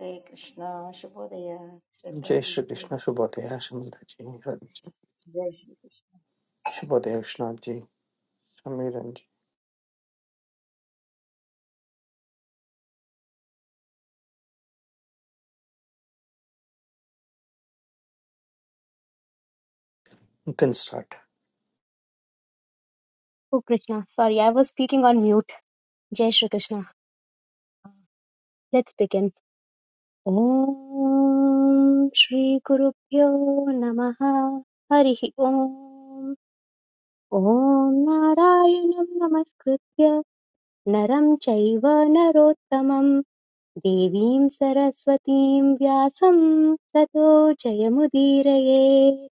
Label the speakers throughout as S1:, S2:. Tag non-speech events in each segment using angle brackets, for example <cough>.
S1: हरे कृष्णा शुभोदय
S2: जय
S1: श्रद्धाजी
S2: श्री कृष्ण
S1: किरण्जी
S2: शुभोदय सुनीता जी रवि जी
S1: जय श्री कृष्ण
S2: शुभोदय Vishwanath ji Samiran ji you can start
S3: Oh Krishna, sorry, I was speaking on mute. Jai Shri Krishna. Let's begin. Om Shri Guru Pyo Namaha Harihi Om. Om Narayanam Namaskritya Naram Chaiva Narottamam Devim Saraswatim Vyasam Tato Jayamudirayet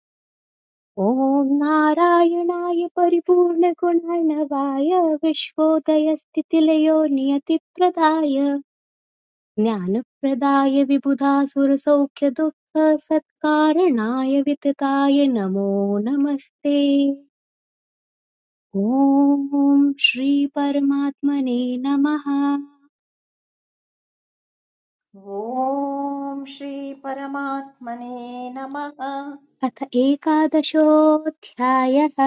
S3: ॐ नारायणाय परिपूर्णगुणर्णवाय विश्वोदयस्थितिलयो नियतिप्रदाय ज्ञानप्रदाय विबुधासुरसौख्यदुःखसत्कारणाय वितताय नमो नमस्ते ॐ श्रीपरमात्मने नमः
S1: ॐ श्री परमात्मने नमः
S3: अथ एकादशोऽध्यायः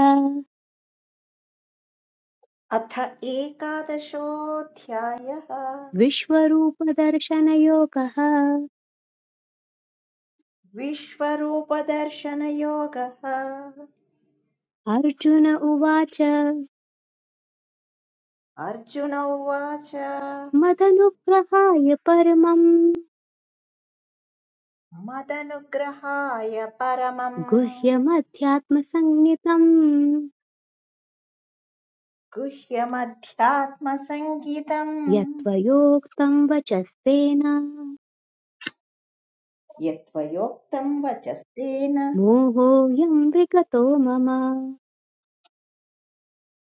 S1: अथ एकादशोऽध्यायः
S3: विश्वरूपदर्शनयोगः
S1: विश्वरूपदर्शनयोगः
S3: अर्जुन उवाच
S1: अर्जुन उवाच
S3: मदनुग्रहाय परमम्
S1: मदनुग्रहाय परमम्
S3: गुह्यमध्यात्मसंज्ञितम्
S1: गुह्यमध्यात्मसङ्गीतम्
S3: यत्त्वयोक्तम् वचस्तेन
S1: यत्त्वयोक्तम् वचस्तेन
S3: मोहोऽयं विगतो मम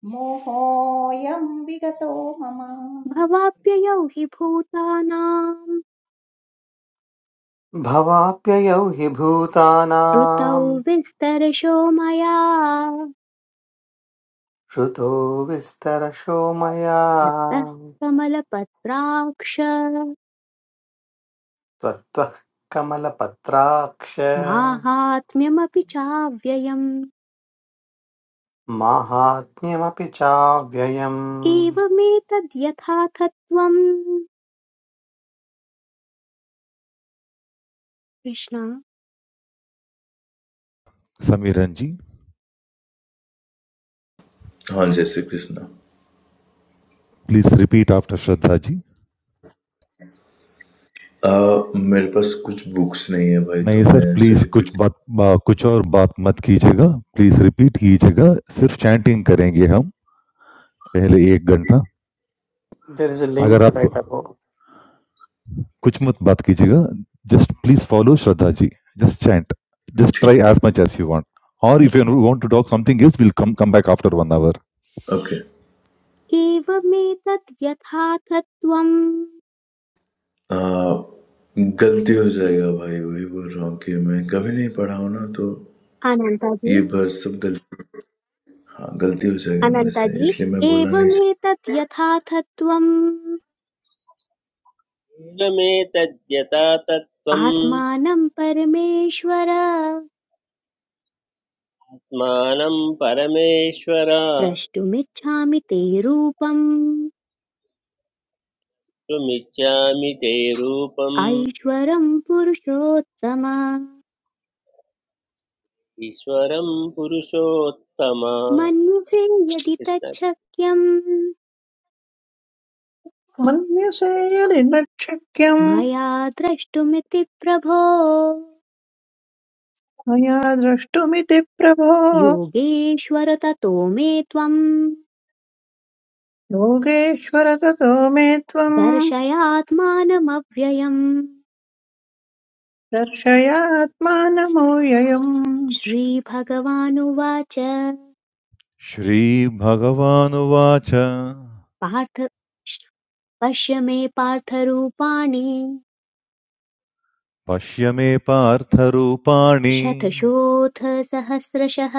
S1: मोहोऽयं विगतो मम
S3: भवाप्ययौ हि भूतानां
S2: भवाप्ययौ हि
S3: ऋतौ
S2: भूतानाम्
S3: विस्तरशो मया
S2: श्रुतो विस्तरशो मया
S3: त्वत्तः कमलपत्राक्ष
S2: त्वत्तः कमलपत्राक्ष
S3: माहात्म्यमपि चाव्ययम्
S2: माहात्म्यमपि चाव्ययम्
S3: एवमेतद्यथाथत्वम् कृष्ण
S4: Samiranji,
S5: हाँ, जय Shri Krishna.
S4: please repeat after Shradhaji.
S5: अ, मेरे पास कुछ बुक्स नहीं है भाई
S4: No,
S5: तो मैं
S4: sir.
S5: ऐसे
S4: Please, कुछ
S5: रिपीट
S4: बात कुछ और बात मत कीजेगा. Please repeat कीजेगा. सिर्फ chanting करेंगे हम पहले एक घंटा.
S2: देयर इज अ
S4: अगर
S2: लिंक राइट
S4: आपको
S2: above
S4: Kuch mat bat kiji ga. Just please follow Shraddha ji. Just chant. Just
S5: ठीक
S4: try as much as you want. Or
S5: हूँ।
S4: if you want to talk something else, we'll come come back after one hour.
S5: Okay.
S3: एवमेतद्यथाथत्वम्
S5: अ, गलती हो जाएगा भाई वही बोल रहा हूँ कि मैं कभी नहीं पढ़ा हूँ ना तो ये
S3: अनन्ताजी
S5: भर सब गलती हाँ, गलती हो जाएगा मेरे से
S3: अनन्ताजी
S5: इसलिए मैं बोलना नहीं
S3: एवमेतद्यथाथत्वम्
S6: एवमेतद्यथा तत्त्वम्
S3: आत्मानं परमेश्वर
S6: आत्मानं परमेश्वर
S3: द्रष्टुमिच्छामि ते रूपम्
S6: त्वमिच्छामि ते रूपम्
S3: ऐश्वरं पुरुषोत्तम
S6: ईश्वरं पुरुषोत्तम
S3: मन्यसे यदि
S6: कृष्ण
S3: तच्छक्यं
S7: मन्यसे यदि न शक्यं
S3: मया द्रष्टुमिति प्रभो
S7: मया द्रष्टुमिति प्रभो
S3: योगेश्वर ततो मे त्वं
S7: योगेश्वर ततो मे त्वम्
S3: दर्शयात्मानमव्ययम्
S7: दर्शयात्मानमूययम्
S3: श्रीभगवानुवाच
S4: Shri Bhagavan Vacha
S3: पार्थ पश्य मे पार्थरूपाणि
S4: Pasya me Partharu Pani.
S3: शतशोऽथ सहस्रशः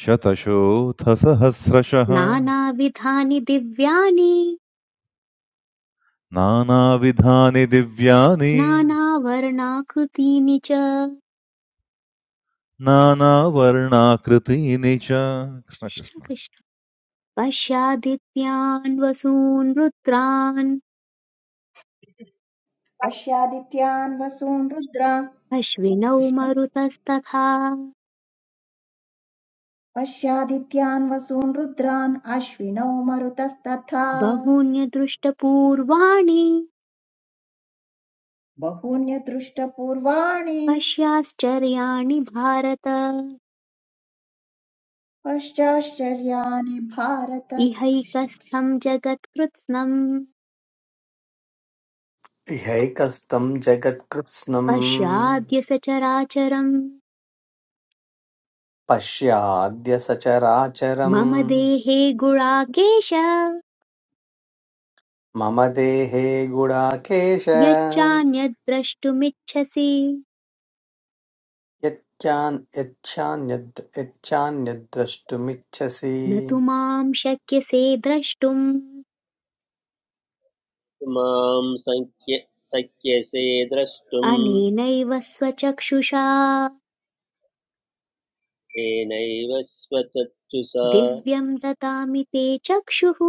S4: शतशोथसहस्रशः
S3: नानाविधानि दिव्यानि
S4: नानाविधानि दिव्यानि
S3: नानावर्णाकृतीनि च कृष्ण
S4: नानावर्णाकृतीनि च कृष्ण कृष्ण
S3: कृष्ण पश्यादित्यान् वसून् रुद्रान्
S1: पश्यादित्यान् वसून् रुद्रान्
S3: अश्विनौ
S1: कृष्ण
S3: मरुतस्तथा
S1: पश्यादित्यान् वसून् रुद्रान् अश्विनौ मरुतस्तथा
S3: बहून्यदृष्टपूर्वाणि
S1: बहून्यदृष्टपूर्वाणि
S3: पश्याश्चर्याणि भारत
S1: पश्चाश्चर्याणि भारत कृष्ण कृष्ण
S3: इहैकस्थम् जगत्कृत्स्नम्
S2: ह्यैकस्तम् जगत्कृत्स्नम्
S3: पश्याद्य सचराचरम्
S2: पश्याद्य
S3: मम
S2: सचराचरम्
S3: देहे गुणाकेश
S2: मम देहे गुडाकेश
S3: यच्चान्यद्द्रष्टुमिच्छसि
S2: यच्चान् यच्छान्यद् यच्छान्यद्द्रष्टुमिच्छसि
S3: न तु मां शक्यसे द्रष्टुम्
S6: मां सङ्ख्य शक्यसे द्रष्टुम्
S3: अनेनैव स्वचक्षुषा
S6: येनैव स्वचक्षुषा
S3: दिव्यं ददामि ते चक्षुः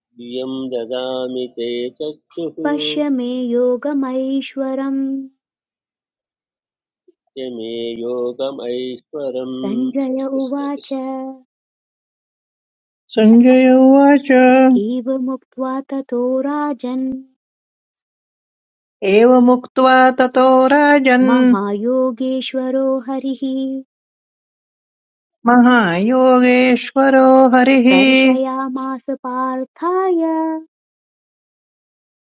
S6: दिव्यं ददामि ते चक्षुः
S3: पश्य मे योगमैश्वरम्
S6: य योगमैश्वरम्
S3: सञ्जय
S6: कृष्ण
S3: उवाच
S6: कृष्ण
S7: सञ्जय उवाच
S3: एवमुक्त्वा ततो राजन्
S7: एवमुक्त्वा ततो राजन्
S3: महायोगेश्वरो हरिः
S7: महायोगेश्वरो हरिः
S3: दर्शयामास पार्थाय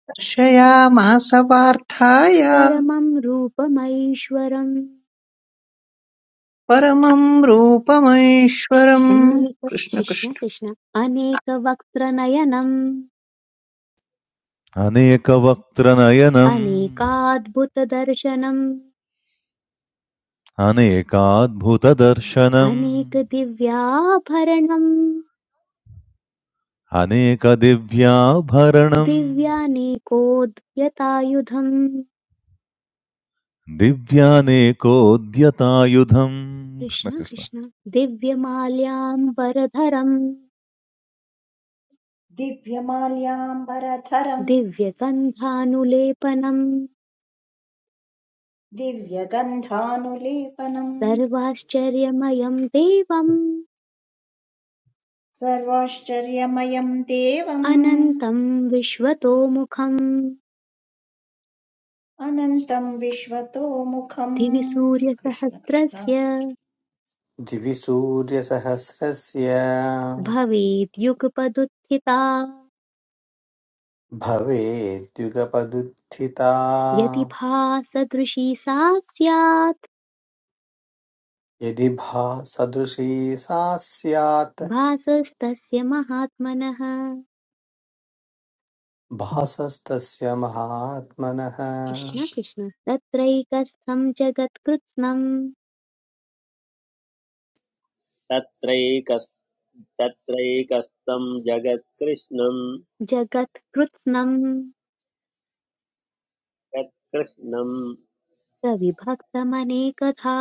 S7: दर्शयामास पार्थाय
S3: परमं रूपमैश्वरम्
S7: परमम् रूपमैश्वरम्
S3: अनेक
S7: कृष्ण
S3: कृष्ण
S7: कृष्ण
S3: कृष्ण अनेकवक्त्रनयनम्
S4: अनेकवक्त्रनयनम्
S3: अनेकाद्भुतदर्शनम्
S4: अनेकाद्भुतदर्शनम्
S3: अनेकदिव्याभरणम्
S4: अनेकदिव्याभरणम्
S3: दिव्यानेकोद्यतायुधम्
S4: दिव्यानेकोद्यतायुधम् कृष्ण
S3: कृष्ण
S4: कृष्ण
S3: कृष्ण दिव्यमाल्याम्बरधरम्
S1: दिव्यमाल्याम्बरधरम्
S3: दिव्यगन्धानुलेपनम्
S1: दिव्यगन्धानुलेपनम्
S3: सर्वाश्चर्यमयम् देवम्
S1: सर्वाश्चर्यमयम् देवम्
S3: अनन्तम् विश्वतोमुखम्
S1: अनन्तं विश्वतो मुखम्
S3: दिवि
S1: कृष्ण कृष्ण
S3: सूर्यसहस्रस्य
S2: दिवि सूर्यसहस्रस्य
S3: भवेद्युगपदुत्थिता
S2: भवेद्युगपदुत्थिता
S3: यदि भासदृशी सा स्यात्
S2: यदि भा सदृशी सा स्यात्
S3: भासस्तस्य महात्मनः
S2: भासस्तस्य महात्मनः
S3: कृष्ण कृष्ण तत्रैकस्थं जगत्कृत्स्नं
S6: तत्रैकस् तत्रैकस्थं जगत्कृष्णं
S3: जगत्कृत्स्नं
S6: यत्कृष्णं
S3: प्रविभक्तमनेकधा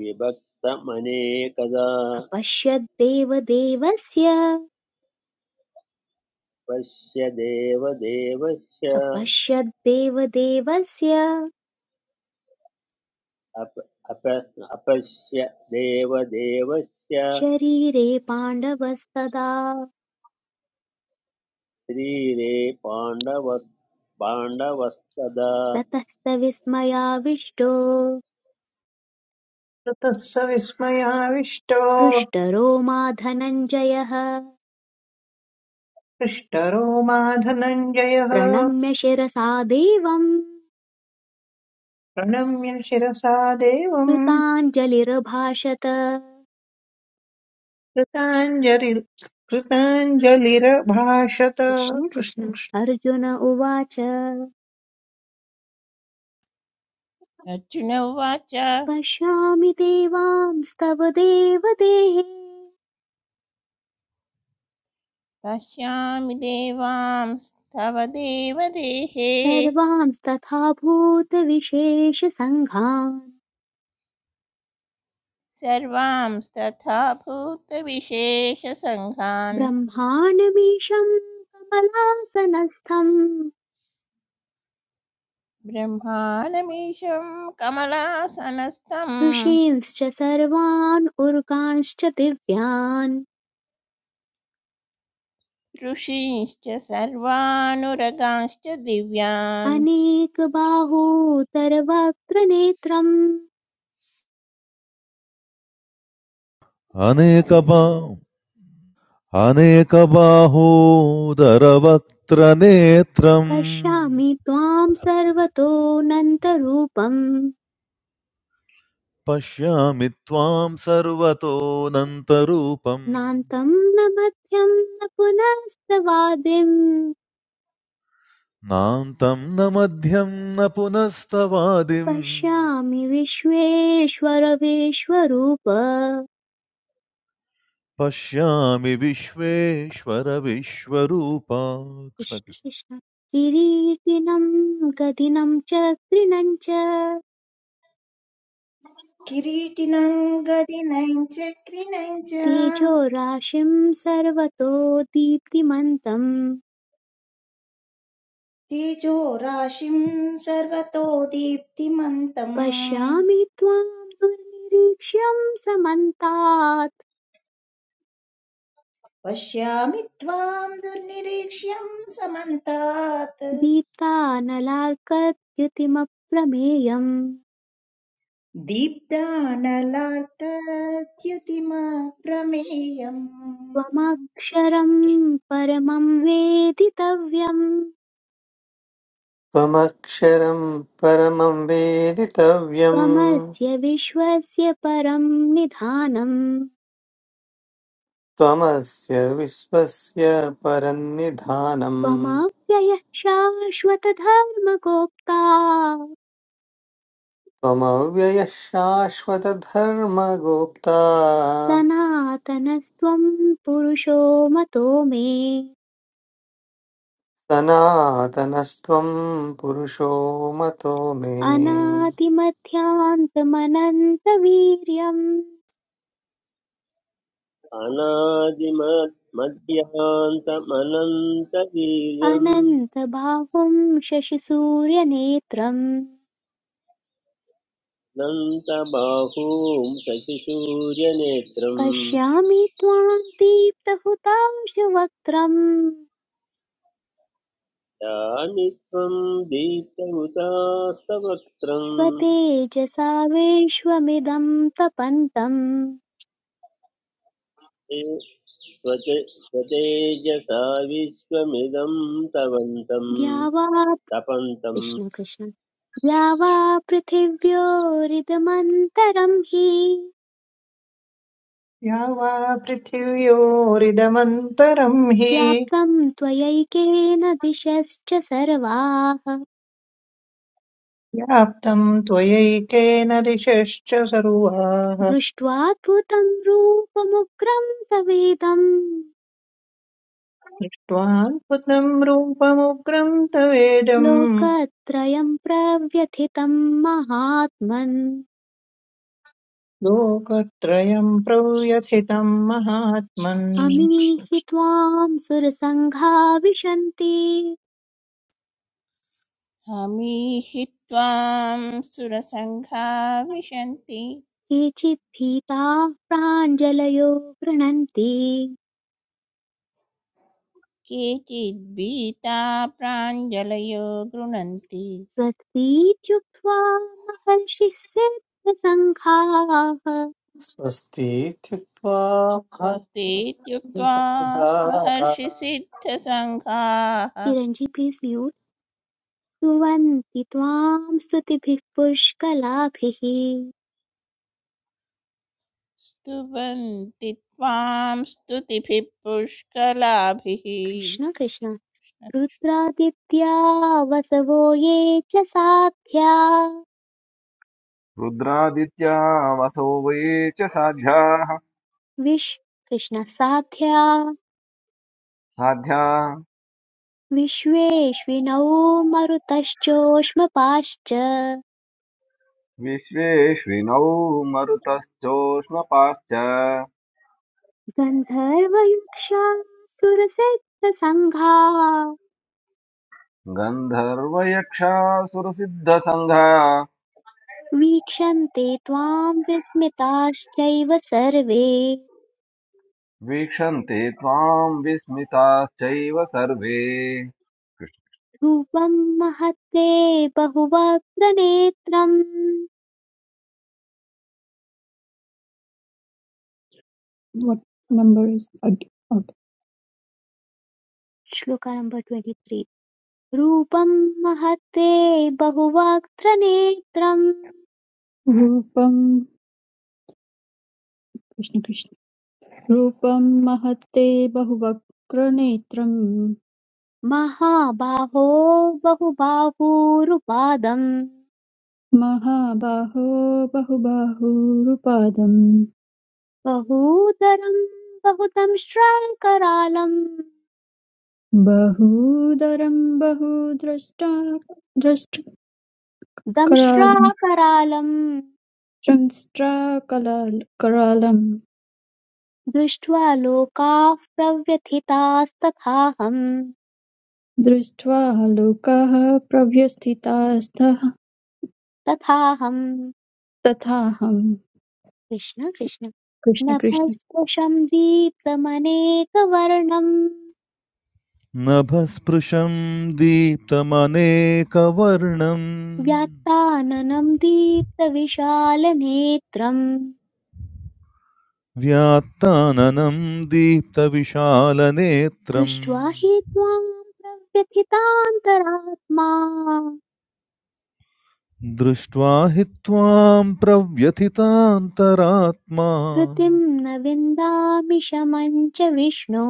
S6: विभक्तमनेकदा
S3: अपश्यद्देवदेवस्य
S6: पश्य देवदेवस्य
S3: अपश्यद्देवदेवस्य
S6: अप अप अपश्य देवदेवस्य
S3: शरीरे पाण्डवस्तदा
S6: शरीरे पाण्डवस् पाण्डवस्तदा
S3: ततः स विस्मयाविष्टो
S7: ततः स विस्मयाविष्टो
S3: हृष्टरो मा धनञ्जयः
S7: हृष्टरो मा धनञ्जयः
S3: प्रणम्य शिरसा देवम्
S7: प्रणम्य शिरसा देवम्
S3: कृताञ्जलिरभाषत
S7: कृताञ्जलि कृताञ्जलिरभाषत
S3: कृष्ण कृष्ण
S7: कृष्ण कृष्ण।
S3: अर्जुन उवाच
S8: अर्जुन उवाच
S3: पश्यामि देवांस्तव देवदेहे
S8: पश्यामि देवांस्तव देवदेहे
S3: सर्वांस्तथा भूतविशेषसङ्घान्
S8: सर्वांस्तथा भूतविशेषसङ्घान्
S3: ब्रह्माण्डमीशम् कमलासनस्थम्
S8: ब्रह्मानमीशं कमलासनस्थं
S3: ऋषींश्च सर्वान् उरुकांश्च दिव्यान्
S8: ऋषींश्च सर्वानुरगांश्च दिव्यान्
S3: अनेकबाहोतरवक्त्रनेत्रम्
S4: अनेकबा अनेकबाहोदरवक्त्रनेत्रम्
S3: पश्यामि त्वाम् सर्वतोऽनन्तरूपम्
S4: पश्यामि त्वां सर्वतोऽनन्तरूपम्
S3: नान्तम् न मध्यम् न पुनस्तवादिम्
S4: नान्तं न मध्यं न पुनस्तवादिम्
S3: पश्यामि विश्वेश्वर विश्वरूप
S4: पश्यामि विश्वेश्वर विश्वरूपा कृष्ण
S3: कृष्ण
S4: कृष्ण।
S3: कृष्ण किरीटिनम् गदिनं च कृणम् च
S1: किरीटिनं गदिनं चक्रिणं च
S3: तेजोराशिं सर्वतो दीप्तिमन्तम्
S1: तेजो राशिं सर्वतो दीप्तिमन्तम्
S3: पश्यामि त्वाम् दुर्निरीक्ष्यम् समन्तात्
S1: पश्यामि त्वां दुर्निरीक्ष्यं समन्तात्
S3: दीप्तानलार्कद्युतिमप्रमेयम्
S1: दीप्तानलार्कद्युतिमप्रमेयम् कृष्ण
S3: त्वमक्षरम्
S1: कृष्ण
S3: परमम् वेदितव्यम्
S2: त्वमक्षरं परमं वेदितव्यम्
S3: त्वमस्य विश्वस्य परम् निधानम्
S2: त्वमस्य विश्वस्य परन्निधानम्
S3: त्वमव्ययः शाश्वतधर्मगोप्ता
S2: त्वमव्ययः शाश्वतधर्मगोप्ता
S3: सनातनस्त्वं पुरुषो मतो मे
S2: सनातनस्त्वं पुरुषो मतो मे
S3: अनादिमध्यान्तमनन्तवीर्यम्
S6: अनादिमत् मध्यान्तमनन्तवीर्यम्
S3: अनन्तबाहुं शशिसूर्यनेत्रम्
S6: अनन्तबाहूं शशिशूर्यनेत्रम्
S3: पश्यामि त्वां दीप्तहुताशवक्त्रम्
S6: यामि त्वं दीप्तहुतास्तवक्त्रम्
S3: स्वतेजसा विश्वमिदं तपन्तम्
S6: स्वतेजसा विश्वमिदं तवन्तं
S3: द्यावा
S6: तपन्तं
S3: कृष्ण कृष्ण द्यावा पृथिव्योरिदमन्तरं हि
S7: या वा पृथिव्योरिदमन्तरम् हि
S3: व्याप्तं त्वयैकेन दिशश्च सर्वाः
S7: व्याप्तम् त्वयैकेन दिशश्च सर्वाः
S3: दृष्ट्वाद्भुतं रूपमुग्रं तवेदं
S7: दृष्ट्वाद्भुतम् रूपमुग्रम् तवेदम्
S3: लोकत्रयं प्रव्यथितं महात्मन्
S7: लोकत्रयम् प्रव्यथितम् महात्मन्
S3: अमीहि त्वां सुरसङ्घा विशन्ति
S8: हमीहि त्वां सुरसङ्घा विशन्ति
S3: केचित् भीताः प्राञ्जलयो गृह्णन्ति
S8: केचिद्भीता प्राञ्जलयो गृणन्ति
S3: स्वस्तीत्युक्त्वा महर्षिः सिद्धसङ्घाः
S2: स्वस्तीत्युक्त्वा
S8: स्वस्तीत्युक्त्वा
S2: भर्तृसत्तदा।
S8: महर्षिसिद्धसङ्घाः
S3: किरण्जी प्लीज म्यूट। स्तुवन्ति त्वां स्तुतिभिः पुष्कलाभिः
S8: स्तुवन्ति त्वां स्तुतिभिः पुष्कलाभिः
S3: कृष्ण कृष्ण रुद्रादित्या वसवो ये च साध्या
S9: रुद्रादित्या वसो वये च साध्याः
S3: विश् कृष्ण साध्या
S9: साध्या
S3: विश्वेश्विनौ मरुतश्चोष्मपाश्च
S9: विश्वेश्विनौ मरुतश्चोष्मपाश्च
S3: गन्धर्वयक्षा सुरसिद्धसङ्घा
S9: गन्धर्वयक्षासुरसिद्धसङ्घा
S3: वीक्षन्ते त्वां विस्मिताश्चैव सर्वे
S9: वीक्षन्ते त्वाम् विस्मिताश्चैव सर्वे
S3: ध्रुवं महत्ते बहुवक्त्र नेत्रम्
S10: what number is okay. okay.
S3: Shloka number twenty three रूपं महत्ते बहुवक्त्र नेत्रम्
S10: रूपं कृष्ण कृष्ण रूपं महत्ते बहुवक्रनेत्रं
S3: महाबाहो बहुबाहूरुपादम्
S10: महाबाहो बहुबाहुरुपादं
S3: बहूदरम् बहुदंष्ट्राकरालम्
S10: बहूदरं बहुद्रष्टा द्रष्टकरालं
S3: दंष्ट्राकरालम्
S10: संस्ट्राकलाल करालं
S3: दृष्ट्वा लोकाः प्रव्यथितास्तथाहम्
S10: दृष्ट्वा लोकाः प्रव्यथितास्तः
S3: तथाहम्
S10: तथाहं
S3: कृष्ण कृष्ण
S10: कृष्ण कृष्ण
S3: नभस्पृशं दीप्तमनेकवर्णं
S4: नभस्पृशं दीप्तमनेकवर्णम्
S3: व्याक्ताननं दीप्तविशालनेत्रं
S4: व्यात्ताननं दीप्तविशालनेत्रम्
S3: दृष्ट्वा हि त्वां प्रव्यथितान्तरात्मा
S4: दृष्ट्वा हि त्वां
S3: धृतिं न विन्दामि शमं च विष्णो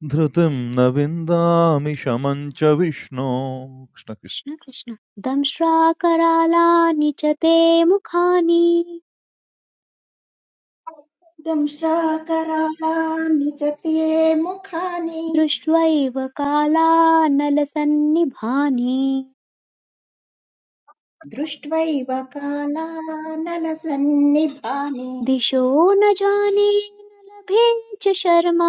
S4: Drutam navindaamisha mancha Vishno.
S3: Krishna Krishna दंश्राकरालानि च ते मुखानि
S1: दंश्राकरालानि च ते मुखानि
S3: दृष्ट्वैव कालानलसन्निभानि
S1: दृष्ट्वैव कालानलसन्निभाने
S3: दिशो न जाने न लभे च शर्मा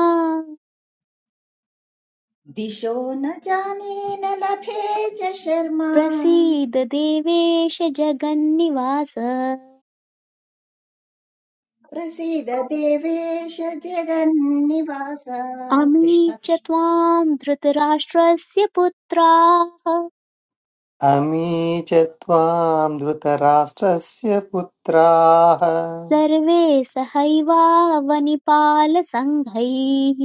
S1: दिशो न जाने न लभे च शर्मा
S3: प्रसीद देवेश जगन्निवास
S1: प्रसीद देवेश जगन्निवास
S3: अमी
S1: कृष्ण
S3: च
S1: कृष्ण
S3: त्वां धृतराष्ट्रस्य पुत्राः
S2: अमी च त्वां धृतराष्ट्रस्य पुत्राः
S3: सर्वे सहैवावनिपालसङ्घैः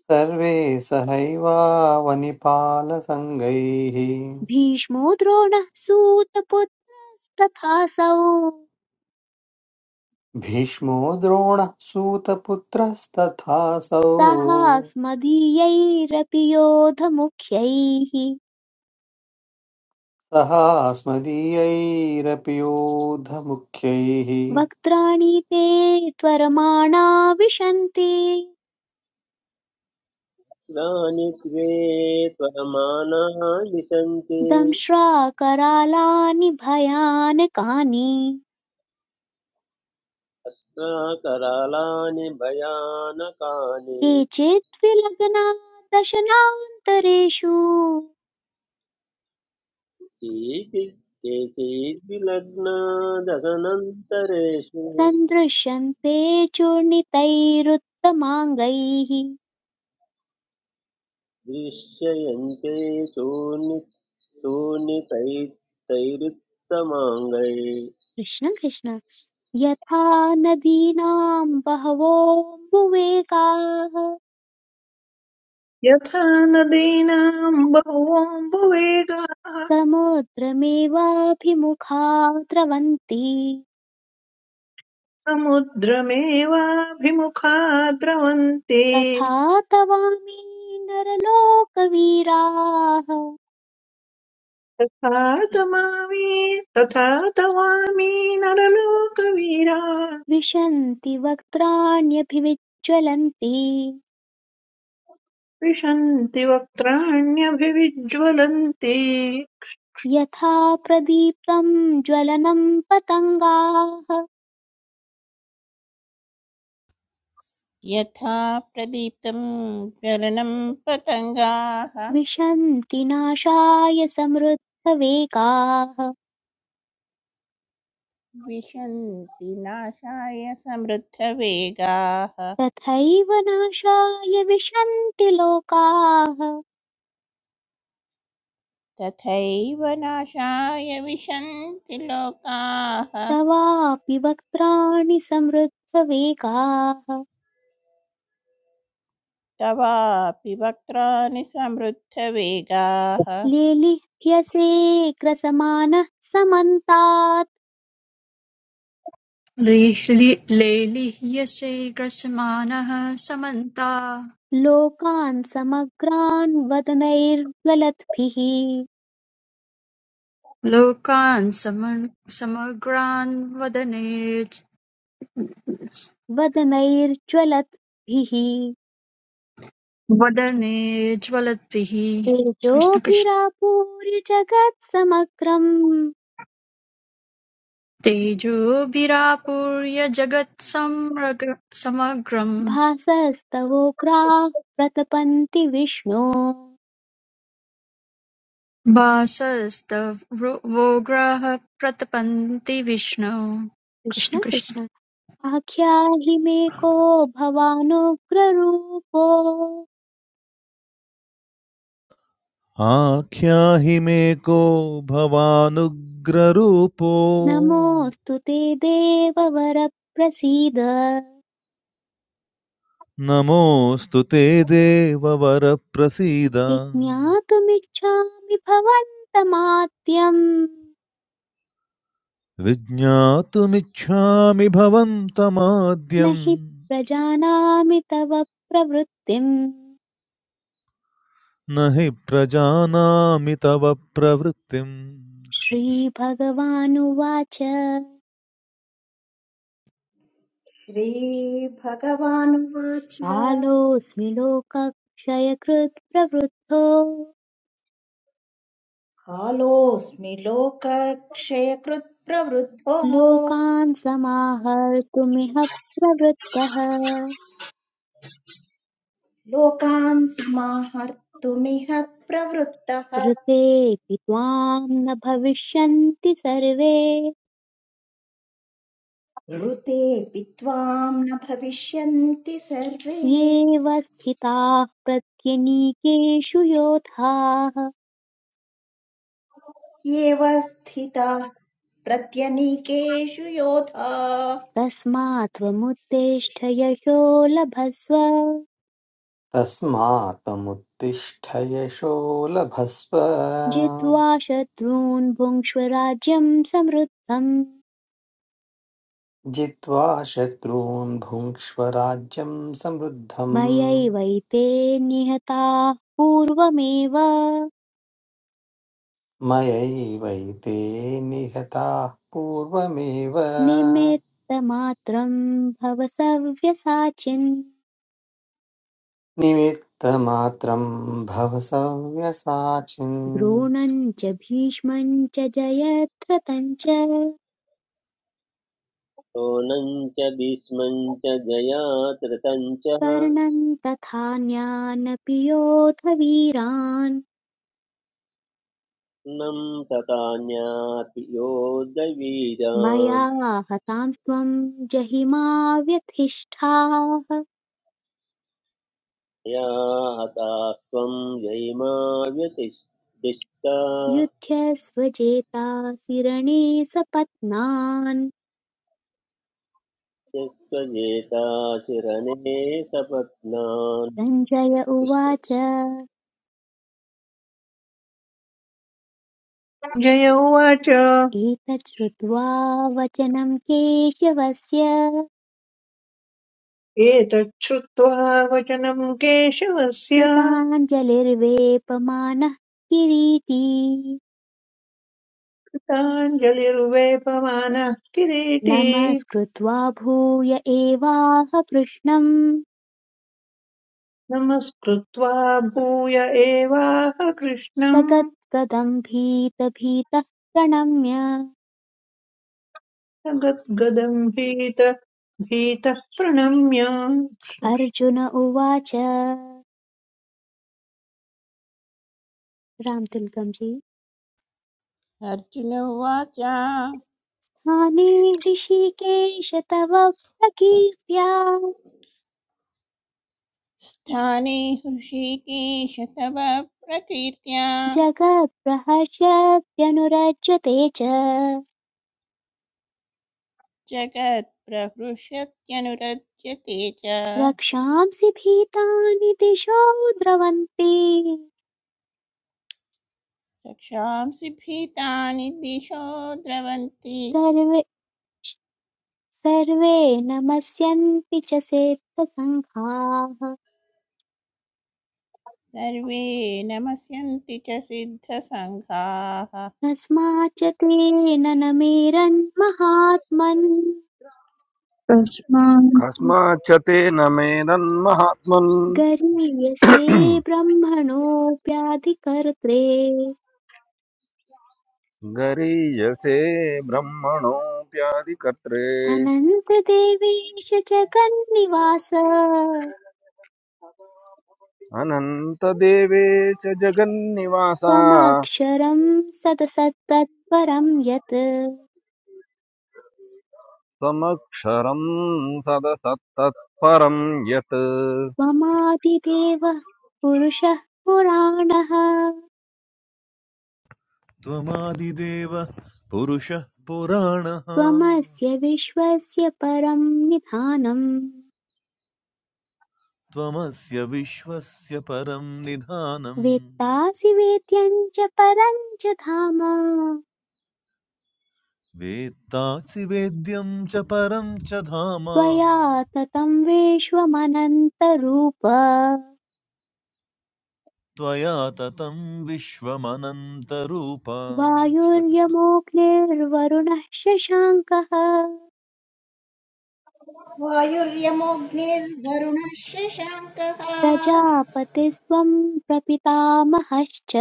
S2: सर्वे सहैवावनिपालसङ्गैः
S3: भीष्मो द्रोणः सूतपुत्रस्तथासौ
S2: भीष्मो द्रोणः सूतपुत्रस्तथासौ
S3: सहास्मदीयैरपि योधमुख्यैः
S2: सहास्मदीयैरपि योधमुख्यैः
S3: वक्त्राणि ते त्वरमाणा विशन्ति
S6: यानि द्वे त्वमानानि सन्ति
S3: दंश्राकरालानि भयानकानि
S6: न करालानि भयानकानि
S3: केचित् विलग्ना दशनान्तरेषु
S6: केचिद्विलग्ना दशनन्तरेषु
S3: सन्दृश्यन्ते चूर्णितैरुत्तमाङ्गैः
S6: दृश्यन्ते तूर्णि तूर्णितैरुत्तमाङ्गै
S3: कृष्ण कृष्ण यथा नदीनाम् बहवोऽम्बुवेगाः
S7: यथा नदीनाम् बहवोऽम्बुवेगाः
S3: समुद्रमेवाभिमुखा द्रवन्ति
S7: समुद्रमेवाभिमुखा द्रवन्ते
S3: तथा तवामि नरलोकवीराः
S7: तथा तमामि तथा तवामि नरलोकवीरा
S3: विशन्ति वक्त्राण्यभिविज्ज्वलन्ति
S7: विशन्ति वक्त्राण्यभिविज्वलन्ति
S3: यथा प्रदीप्तं ज्वलनं पतङ्गाः
S8: यथा प्रदीप्तं ज्वलनं पतङ्गाः
S3: विशन्ति नाशाय समृद्धवेगाः
S8: विशन्ति नाशाय समृद्धवेगाः
S3: तथैव नाशाय विशन्ति लोकाः
S8: तथैव नाशाय विशन्ति लोकाः
S3: तवापि वक्त्राणि समृद्धवेगाः
S8: तवापि वक्त्राणि समृद्धवेगाः
S3: लेलिह्यसेऽग्रसमानः समन्तात्
S10: लेलीह्यसे ग्रसमानः समन्ता
S3: लोकान् समग्रान् वदनैर्ज्वलद्भिः
S10: लोकान् सम- समग्रान् वदनेर्ज-
S3: वदनैर्ज्वलद्भिः
S10: वदनेर्ज्वलद्भिः कृष्ण कृष्ण
S3: तेजोभिरापूर्य जगत्समग्रम्
S10: तेजोभिरापूर्य जगत्सम्रग- समग्रं
S3: भासस्तवोग्राः प्रतपन्ति विष्णो
S10: वासस्तवोग्राः प्रतपन्ति विष्णो कृष्ण
S3: कृष्ण
S10: कृष्ण
S3: कृष्ण आख्याहि मे को भवानुग्ररूपो
S4: Ah, kya hi meko Bhavanugraupo
S3: नमोऽस्तु ते देववर प्रसीद
S4: Namostute deva varaprasida
S3: विज्ञातुमिच्छामि भवन्तमाद्यम्
S4: Vidhya tu miccha mi Bhavan
S3: न हि
S4: tamadiyam
S3: प्रजानामि तव प्रवृत्तिम्
S4: Nahe praja namita va pravritim
S3: श्रीभगवानुवाच
S1: श्रीभगवानुवाच
S3: कालोऽस्मि लोकक्षयकृत् प्रवृद्धो
S1: कालोऽस्मि लोकक्षयकृत् प्रवृद्धो
S3: लोकान् समाहर्तुमिह प्रवृत्तः
S1: लोकान् समाहर्तुमिह प्रवृत्तः
S3: ऋतेऽपि त्वाम् न भविष्यन्ति सर्वे
S1: ऋतेऽपि त्वाम् न भविष्यन्ति सर्वे
S3: येऽव स्थिताः प्रत्यनीकेषु योधाः
S1: एव स्थिताः प्रत्यनीकेषु योधा
S3: तस्मात् त्वमुत्तिष्ठ यशो लभस्व
S2: तस्मात्त्वमुत्तिष्ठ यशो लभस्व
S3: जित्वा शत्रून् भुङ्क्ष्व राज्यम् समृद्धम्
S2: जित्वा शत्रून् भुङ्क्ष्व राज्यं समृद्धम्
S3: मयैवैते निहताः पूर्वमेव
S2: मयैवैते निहताः पूर्वमेव
S3: निमित्तमात्रम् भव सव्यसाचिन्
S2: निमित्तमात्रं भव सव्यसाचिन्
S3: द्रोणम् च भीष्मम् च जयद्रथम् च
S6: शोनं च भीष्मं च जयातृतं च
S3: कर्णन् तथान्यानपि योध वीरान्
S6: नं तथान्यापि
S3: मया
S6: योद्धवीरान्
S3: हतांस्त्वं जहिमा व्यथिष्ठाः
S6: या हतास्त्वं जयिमा व्यतिष्ठा
S3: युध्यस्वजेतासि रणे सपत्नान्
S6: यस्त्वजेता शिरणे सपत्नान्
S3: सञ्जय उवाच
S7: जय उवाच
S3: एतत् श्रुत्वा वचनं केशवस्य
S7: एतच्छ्रुत्वा वचनम् केशवस्य
S3: कृताञ्जलिर्वेपमानः किरीटी
S7: कृताञ्जलिर्वेपमानः किरीटी
S3: नमस्कृत्वा भूय एवाह कृष्णम्
S7: नमस्कृत्वा भूय एवाह
S3: स
S7: कृष्णम्
S3: गद्गदं भीतभीतः प्रणम्य
S7: जगद्गदम् भीत भीतः प्रणम्य
S3: अर्जुन उवाच रामतिलकं जी
S8: अर्जुनोवाच
S3: स्थाने ऋषिकेश तव प्रकीर्त्या
S8: स्थाने हृषीकेश तव प्रकीर्त्या
S3: जगत्प्रहर्षत्यनुरज्यते च
S8: जगत्प्रहृष्यत्यनुरज्यते च
S3: रक्षांसि भीतानि दिशो द्रवन्ति
S8: रक्षांसि भीतानि दिशो द्रवन्ति
S3: सर्वे सर्वे नमस्यन्ति च सेत्थसङ्घाः
S8: सर्वे नमस्यन्ति च सिद्धसङ्घाः
S3: तस्माच्च तेन न मेरन्महात्मन्
S10: तस्मात्
S9: कस्माच्च तेन मेदन्महात्मन्
S3: गरीयसे ब्रह्मणोऽप्याधिकर्त्रे
S9: गरीयसे ब्रह्मणोऽप्यादिकर्त्रे
S3: अनन्तदेवेश जगन्निवास
S9: अनन्तदेवेश जगन्निवासा
S3: त्वमक्षरम् सदसत्तत्परं यत्
S9: समक्षरं सदसत्तत्परं यत्
S3: त्वमादिदेवः पुरुषः पुराणः
S4: Tamadi deva Purusha purana.
S3: त्वमस्य विश्वस्य परं निधानम्
S4: त्वमस्य विश्वस्य परं निधानम्
S3: वेत्तासि वेद्यं च परं च धाम
S4: वेत्तासि वेद्यं च परं च धाम
S3: त्वया ततं विश्वमनन्तरूप
S4: त्वया ततं विश्वमनन्तरूप कृष्ण कृष्ण।
S3: वायुर्यमोऽग्निर्वरुणः शशाङ्कः
S1: वायुर्यमोऽग्निर्वरुणः शशाङ्कः
S3: प्रजापतिस्त्वं प्रपितामहश्च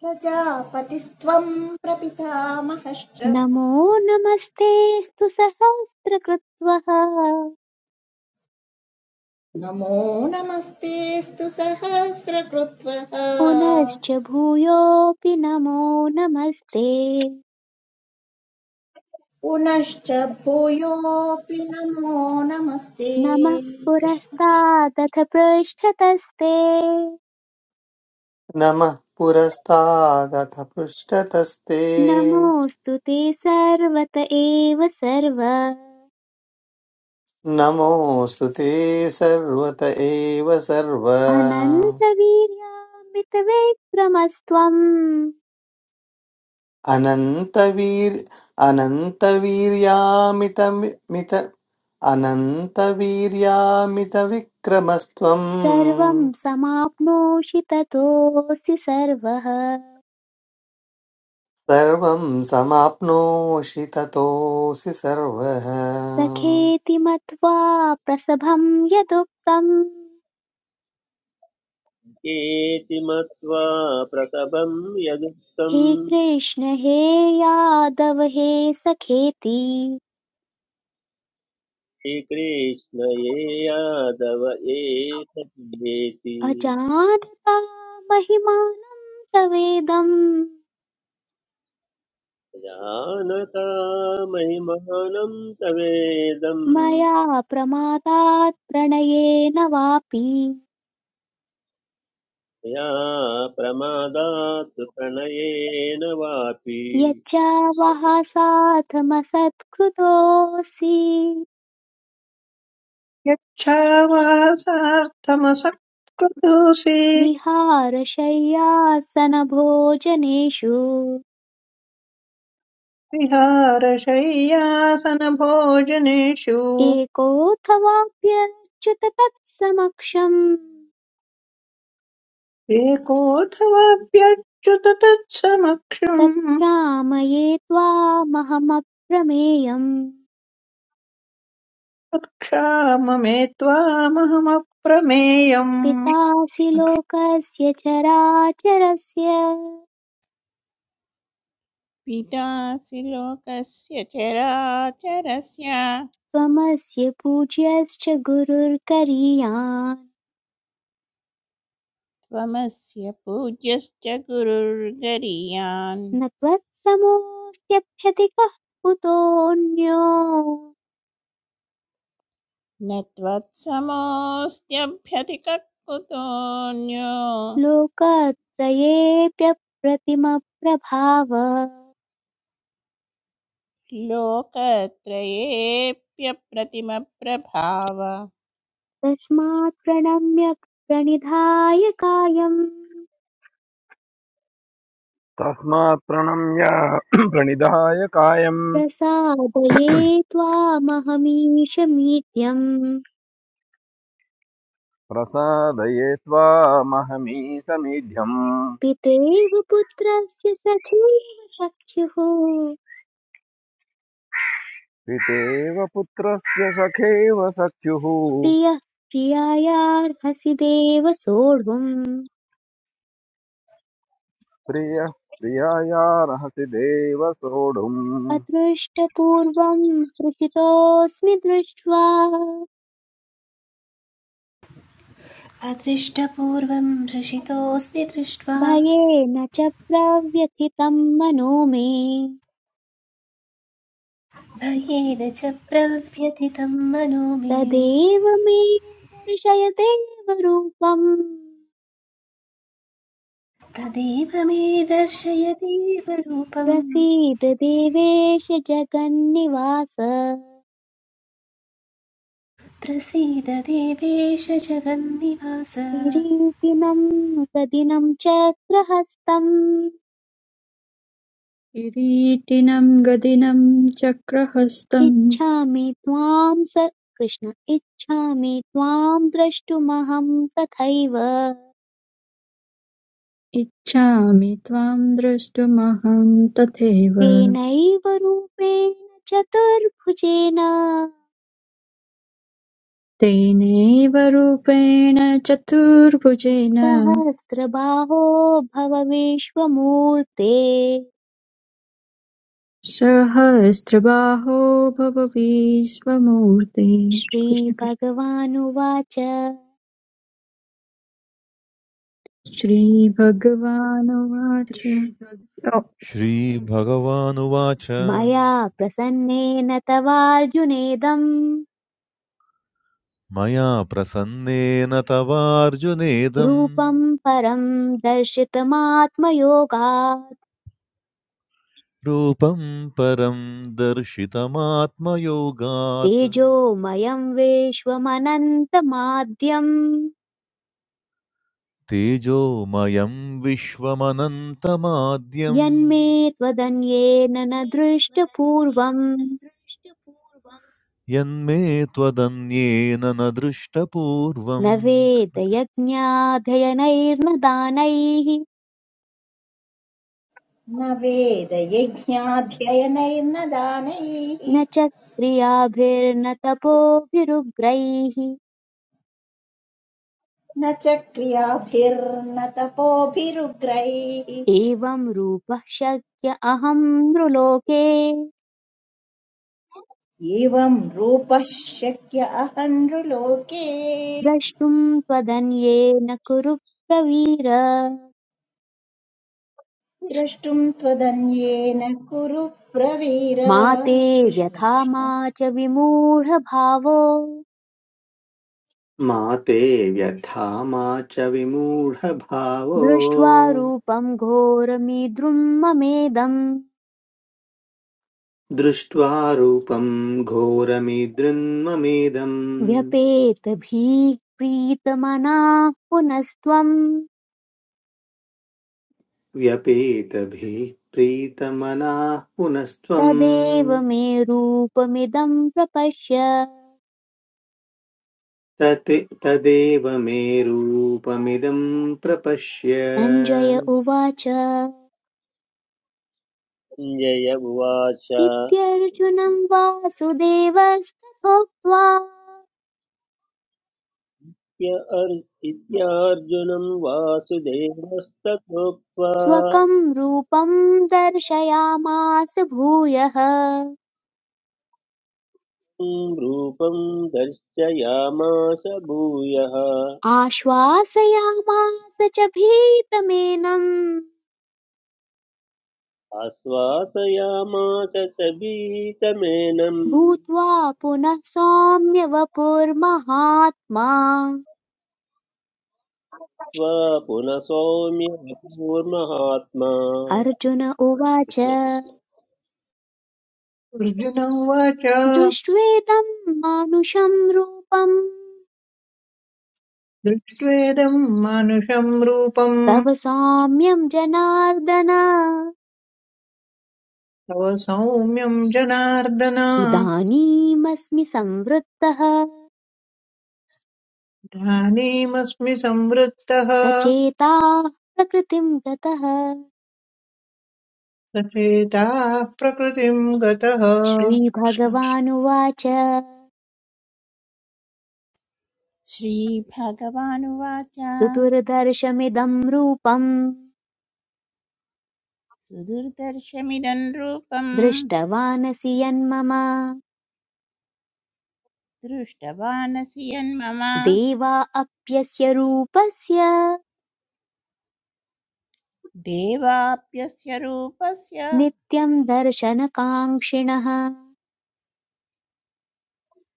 S1: प्रजापतिस्त्वम् प्रपितामहश्च
S3: नमो नमस्तेऽस्तु सहस्रकृत्वः
S1: नमो नमस्तेऽस्तु सहस्रकृत्वः
S3: पुनश्च भूयोऽपि नमो नमस्ते
S1: पुनश्च भूयोऽपि नमो नमस्ते
S3: नमः पुरस्तादथ पृष्ठतस्ते
S2: नमः पुरस्तादथ पृष्ठतस्ते
S3: नमोऽस्तु ते सर्वत एव सर्व
S2: नमोऽस्तु ते सर्वत एव सर्व
S3: अनन्तवीर्यामितविक्रमस्त्वं
S2: अनन्तवीर् अनन्तवीर्यामितमित अनन्तवीर्यामितविक्रमस्त्वम्
S3: सर्वं समाप्नोषि ततोऽसि सर्वः
S2: सर्वं समाप्नोषि ततोऽसि सर्वः
S3: सखेति मत्वा प्रसभं यदुक्तं।
S6: कृष्णेति मत्वा प्रसभं
S3: हे
S6: यदुक्तम्
S3: कृष्ण हे यादव हे सखेति
S6: श्रीकृष्ण ये यादव एतद्वेति
S3: अजानता महिमानं तवेदम्
S6: जानता महिमानं तवेदं
S3: मया प्रमादात् प्रणयेन वापि
S6: या प्रमादात् प्रणयेन वापि कृष्ण
S3: यच्चावः
S6: कृष्ण
S3: साथमसत्कृतोऽसि
S7: यच्छावासार्थमसत्कृतोऽसि
S3: विहारशय्यासनभोजनेषु
S7: विहारशय्यासनभोजनेषु
S3: एकोऽथवाप्यच्युत तत्समक्षम्
S7: एकोऽथवाप्यच्युत तत्समक्षम्
S3: तत्क्षामये त्वामहमप्रमेयम्
S7: वक्ष्याममे त्वामहमप्रमेयम्
S3: पितासि लोकस्य चराचरस्य
S8: पितासि लोकस्य चराचरस्य
S3: त्वमस्य पूज्यश्च गुरुर्गरीयान्
S8: त्वमस्य पूज्यश्च गुरुर्गरीयान्
S3: न त्वत्समोऽस्त्यभ्यधिकः कुतोऽन्यो
S8: न त्वत्समोऽस्त्यभ्यतिककुतोऽन्यो
S3: लोकत्रयेऽप्यप्रतिमप्रभाव
S8: लोकत्रयेऽप्यप्रतिमप्रभाव
S3: तस्मात् प्रणम्य प्रणिधाय कायम्
S9: तस्मात् प्रणम्य <clears throat> प्रणिधाय कायं
S3: प्रसादये त्वामहमीशमीड्यम्
S9: प्रसादये त्वामहमी
S3: पितेव पुत्रस्य सखैव सख्युः
S9: पितेव पुत्रस्य सखेव सख्युः
S3: प्रियः प्रियायार्हसि देव सोढुम्
S9: प्रियः प्रियायार्हसि देव सोढुम्
S3: अदृष्टपूर्वं हृषितोऽस्मि दृष्ट्वा
S11: अदृष्टपूर्वं हृषितोऽस्मि दृष्ट्वा
S3: भयेन च प्रव्यथितं मनो मे
S11: भयेन च प्रव्यथितं मनो मे
S3: तदेव मे दर्शय देवरूपम्
S11: तदेव मे दर्शय देवरूपं
S3: प्रसीद देवेश जगन्निवास
S11: प्रसीद देवेश जगन्निवास ना-
S3: किरीटिनं गदिनं चक्रहस्तम्
S10: किरीटिनं गदिनं चक्रहस्तम्
S3: इच्छामि त्वां स कृष्ण इच्छामि त्वां द्रष्टुमहं तथैव
S10: इच्छामि त्वां द्रष्टुमहं तथैव
S3: तेनैव रूपेण चतुर्भुजेन
S10: तेनैव रूपेण चतुर्भुजेन
S3: सहस्रबाहो भव विश्वमूर्ते
S10: सहस्रबाहो भव विश्वमूर्ते कृष्ण कृष्ण
S3: श्रीभगवानुवाच
S10: श्रीभगवानुवाच ओ,
S4: श्रीभगवानुवाच
S3: मया प्रसन्नेन तवार्जुनेदम्
S4: मया प्रसन्नेन तवार्जुनेदं
S3: रूपम् परम् दर्शितमात्मयोगात्
S4: रूपं परं दर्शितमात्मयोगात्
S3: तेजोमयम् विश्वमनन्तमाद्यम्
S4: तेजोमयं विश्वमनन्तमाद्यम्
S3: यन्मे त्वदन्येन न दृष्टपूर्वम्
S4: यन्मे त्वदन्येन न
S3: न
S4: दृष्टपूर्वम् कृष्ण कृष्ण
S3: वेदयज्ञाध्ययनैर्न दानैः
S1: न वेदयज्ञाध्ययनैर्न दानैः
S3: न च क्रियाभिर्न तपोभिरुग्रैः
S1: न च क्रियाभिर्न तपोभिरुग्रैः
S3: एवं रूपः शक्य अहं नृलोके
S1: एवं रूपः शक्य अहन्नृलोके
S3: द्रष्टुं त्वदन्येन कुरु प्रवीर
S1: द्रष्टुम् त्वदन्येन कुरु प्रवीर
S3: मा ते
S1: कृष्ण
S3: व्यथा मा
S1: कृष्ण
S3: च विमूढभावो
S2: मा ते व्यथा मा च विमूढभावो
S3: दृष्ट्वा रूपं घोरमीद्रुं ममेदम्
S2: दृष्ट्वा रूपं घोरमिदृन्ममेदम्
S3: व्यपेत भीः प्रीतमनाः पुनस्त्वम्
S2: व्यपेतभिः प्रीतमनाः पुनस्त्वम्
S3: तदेव मे रूपमिदं प्रपश्य
S2: तत् तदेव मे रूपमिदं प्रपश्य
S3: सञ्जय उवाच
S6: जय उवाच
S3: इत्यर्जुनं
S6: इत्य
S3: वासुदेवस्तथोक्त्वा
S6: अर्- इत्यार्जुनं वासुदेवस्तथोक्त्वा
S3: स्वकं रूपं दर्शयामास भूयः
S6: रूपं दर्शयामास भूयः
S3: आश्वासयामास च भीतमेनं
S6: आश्वासयामास च भीतमेनम्
S3: भूत्वा पुनः सौम्यवपुर्महात्मा
S6: त्वा पुनः सौम्य विभूर्महात्मा
S3: अर्जुन उवाच
S6: कृष्ण कृष्ण
S7: अर्जुन उवाच
S3: दृष्ट्वेदं मानुषं रूपं
S7: दृष्ट्वेदं मानुषं रूपं
S3: तव सौम्यं जनार्दन
S7: तव सौम्यं जनार्दन
S3: इदानीमस्मि संवृत्तः
S7: इदानीमस्मि संवृत्तः
S3: सचेताः प्रकृतिं गतः
S7: सचेताः प्रकृतिं गतः कृष्ण
S3: श्रीभगवानुवाच
S8: श्रीभगवानुवाच
S3: चतुर्दर्शमिदं रूपम्
S8: सुदुर्दर्शमिदं रूपं
S3: दृष्टवानसि यन्मम
S8: दृष्टवानसि यन्मम
S3: देवा अप्यस्य रूपस्य
S8: देवाप्यस्य रूपस्य
S3: नित्यं दर्शनकाङ्क्षिणः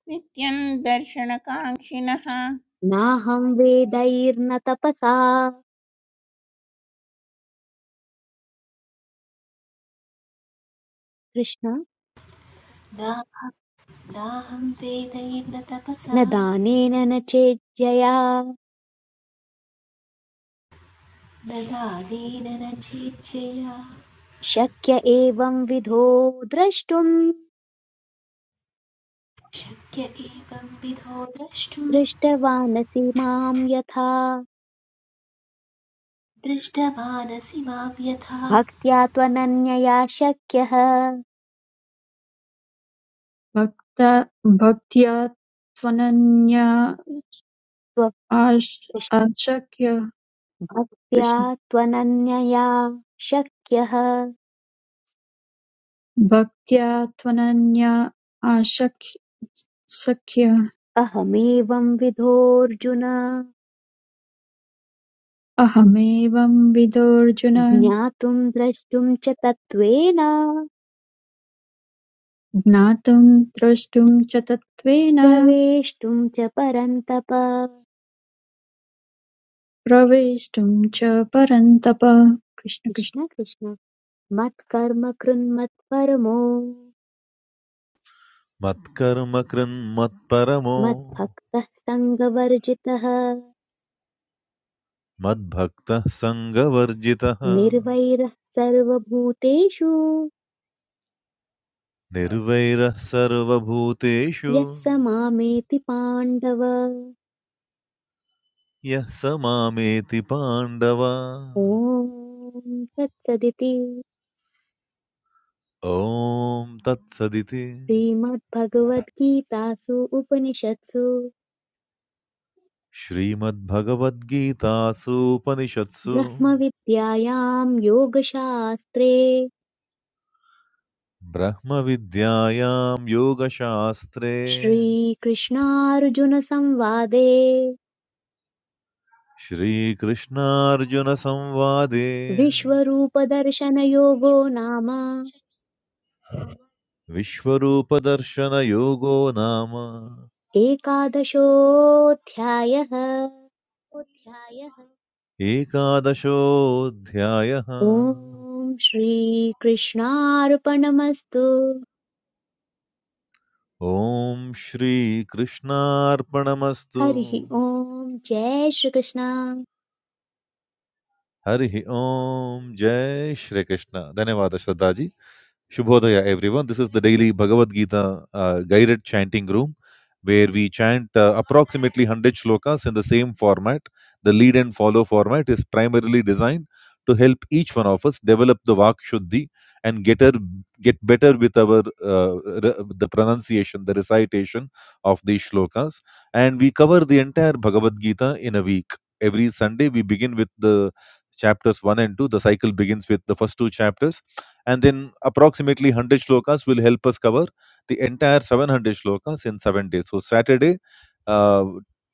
S8: नित्यं दर्शनकाङ्क्षिणः
S3: नाहं वेदैर्न तपसा कृष्ण
S11: नाहं वेदैर्न तपसा
S3: न दानेन न चेज्जया
S11: न दानेन न चेच्छया
S3: शक्य एवं विधो द्रष्टुम्
S11: शक्य एवं विधो द्रष्टुं
S3: दृष्टवानसि माम् यथा
S11: दृष्टवानसि मां यथा
S3: भक्त्या त्वनन्यया शक्यः
S10: भक्त भक्त्या त्वनन्या
S3: त्व-
S10: आश-
S3: कृष्ण-
S10: आशक्य
S3: भक्त्या
S10: कृष्ण
S3: त्वनन्यया शक्यः
S10: भक्त्या त्वनन्या आशक्य सख्य
S3: अहमेवं विधोऽर्जुन
S10: अहमेवं विदोऽर्जुन
S3: ज्ञातुं द्रष्टुं च तत्त्वेन
S10: ज्ञातुं द्रष्टुं च तत्त्वेन
S3: प्रवेष्टुं च परन्तप
S10: प्रवेष्टुं च परन्तप कृष्ण कृष्ण
S3: कृष्ण कृष्ण मत्कर्म कृन्मत्परमो
S4: मत्कर्म मत्परमो
S3: मद्भक्तः सङ्गवर्जितः
S4: मद्भक्तः सङ्गवर्जितः
S3: निर्वैरः सर्वभूतेषु
S4: निर्वैरः सर्वभूतेषु
S3: यः स मामेति पाण्डव
S4: यः स मामेति पाण्डव
S3: ॐ तत्सदिति
S4: ॐ तत्सदिति
S3: श्रीमद्भगवद्गीतासु उपनिषत्सु
S4: श्रीमद्भगवद्गीतासूपनिषत्सु
S3: ब्रह्मविद्यायां योगशास्त्रे
S4: ब्रह्मविद्यायां योगशास्त्रे
S3: श्रीकृष्णार्जुनसंवादे
S4: Shri Krishna Arjuna Samvade
S3: विश्वरूपदर्शनयोगो नाम
S4: Vishvarupa Darshana Yoga Namah
S3: एकादशोऽध्यायः
S4: Ekadaso Dhyayaha
S3: ॐ श्रीकृष्णार्पणमस्तु
S4: Om Shri Krishna Arpanam
S3: हरिः
S4: Astu
S3: ॐ जय Shri Krishna
S4: Hari Om Jai Shri Krishna. Thank you very much, Shradha ji. Shubhodaya, everyone. This is the daily Bhagavad Gita uh, guided chanting room where we chant uh, approximately 100 shlokas in the same format. The lead and follow format is primarily designed to help each one of us develop the Vak Shuddhi and get, her, get better with our uh, re- the pronunciation, the recitation of these shlokas. And we cover the entire Bhagavad Gita in a week. Every Sunday, we begin with the chapters 1 and 2. The cycle begins with the first two chapters and then approximately 100 shlokas will help us cover the entire 700 shlokas in seven days. So, Saturday, uh,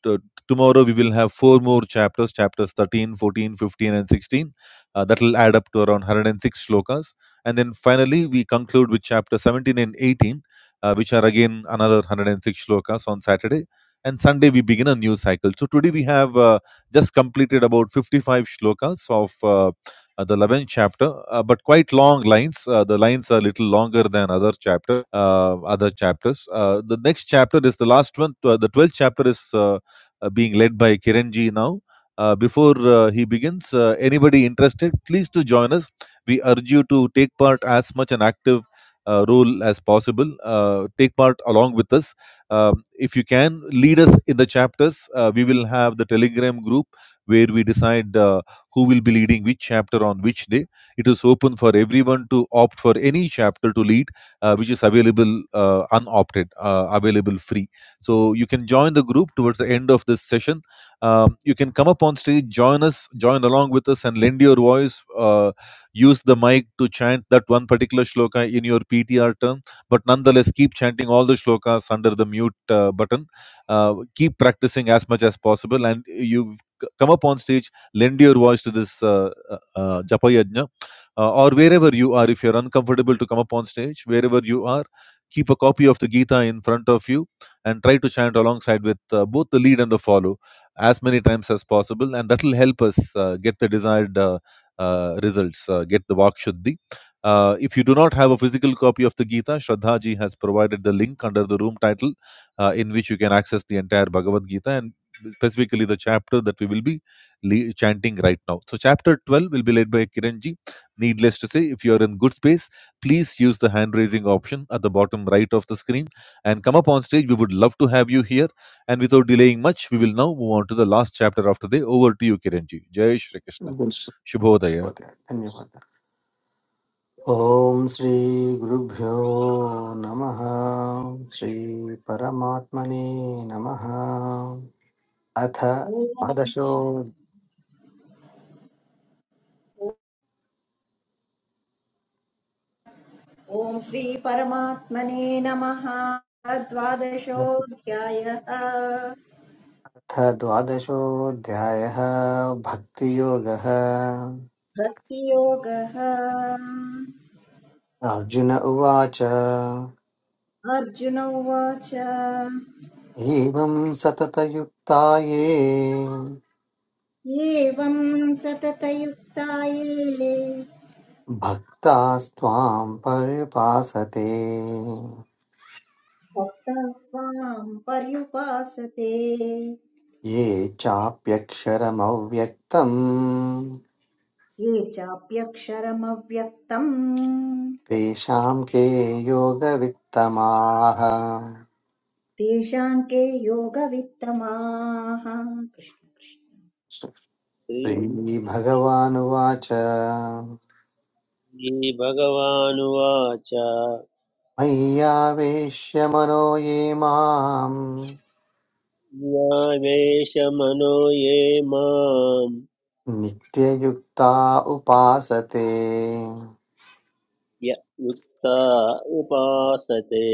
S4: t- tomorrow we will have four more chapters chapters 13, 14, 15, and 16. Uh, that will add up to around 106 shlokas. And then finally, we conclude with chapter 17 and 18, uh, which are again another 106 shlokas on Saturday. And Sunday, we begin a new cycle. So, today we have uh, just completed about 55 shlokas of uh, uh, the 11th chapter, uh, but quite long lines. Uh, the lines are a little longer than other chapter, uh, other chapters. Uh, the next chapter is the last one. tw- the 12th chapter is uh, uh, being led by Kiranji now. Uh, before uh, he begins, uh, anybody interested, please to join us. We urge you to take part as much an active uh, role as possible. Uh, take part along with us. Um, if you can, lead us in the chapters. Uh, we will have the Telegram group where we decide. Uh, who will be leading which chapter on which day. It is open for everyone to opt for any chapter to lead, uh, which is available uh, unopted, uh, available free. So you can join the group towards the end of this session. Um, you can come up on stage, join us, join along with us, and lend your voice. Uh, use the mic to chant that one particular shloka in your PTR term, but nonetheless keep chanting all the shlokas under the mute uh, button. Uh, keep practicing as much as possible, and you c- come up on stage lend your voice to this uh, uh, uh, Japa Yajna uh, or wherever you are. If you're uncomfortable to come up on stage, wherever you are, keep a copy of the Gita in front of you and try to chant alongside with uh, both the lead and the follow as many times as possible. And that will help us uh, get the desired uh, uh, results, uh, get the Vak Shuddhi. Uh, if you do not have a physical copy of the Gita, Shraddha ji has provided the link under the room title uh, in which you can access the entire Bhagavad Gita and specifically the chapter that we will be le- chanting right now. So, chapter 12 will be led by Kiranji. Needless to say, if you are in good space, please use the hand raising option at the bottom right of the screen and come up on stage. We would love to have you here. And without delaying much, we will now move on to the last chapter of today. Over to you, Kiranji. Jai Shri Krishna. Shubhodaya.
S2: शुभोदय धन्यवादः ॐ श्रीगुरुभ्यो नमः श्रीपरमात्मने नमः अथ द्वादशो
S1: ॐ श्री परमात्मने नमः द्वादशोऽध्यायः
S2: अथ द्वादशोऽध्यायः भक्तियोगः
S1: भक्तियोगः
S2: अर्जुन उवाच
S1: अर्जुन उवाच
S2: एवं सततयुक्ता ये
S1: एवं सततयुक्ता ये
S2: भक्तास्त्वां पर्युपासते
S1: भक्ताः त्वाम् पर्युपासते
S2: ये चाप्यक्षरमव्यक्तम्
S1: ये चाप्यक्षरमव्यक्तम्
S2: तेषां के योगवित्तमाः
S1: तेषां के योगवित्तमाः कृष्ण कृष्ण
S2: श्रीभगवानुवाच
S6: श्री भगवानुवाच
S2: मय्यावेश्य मनो ये माम्
S6: यावेशमनो ये माम्
S2: नित्ययुक्ता उपासते
S6: य युक्ता उपासते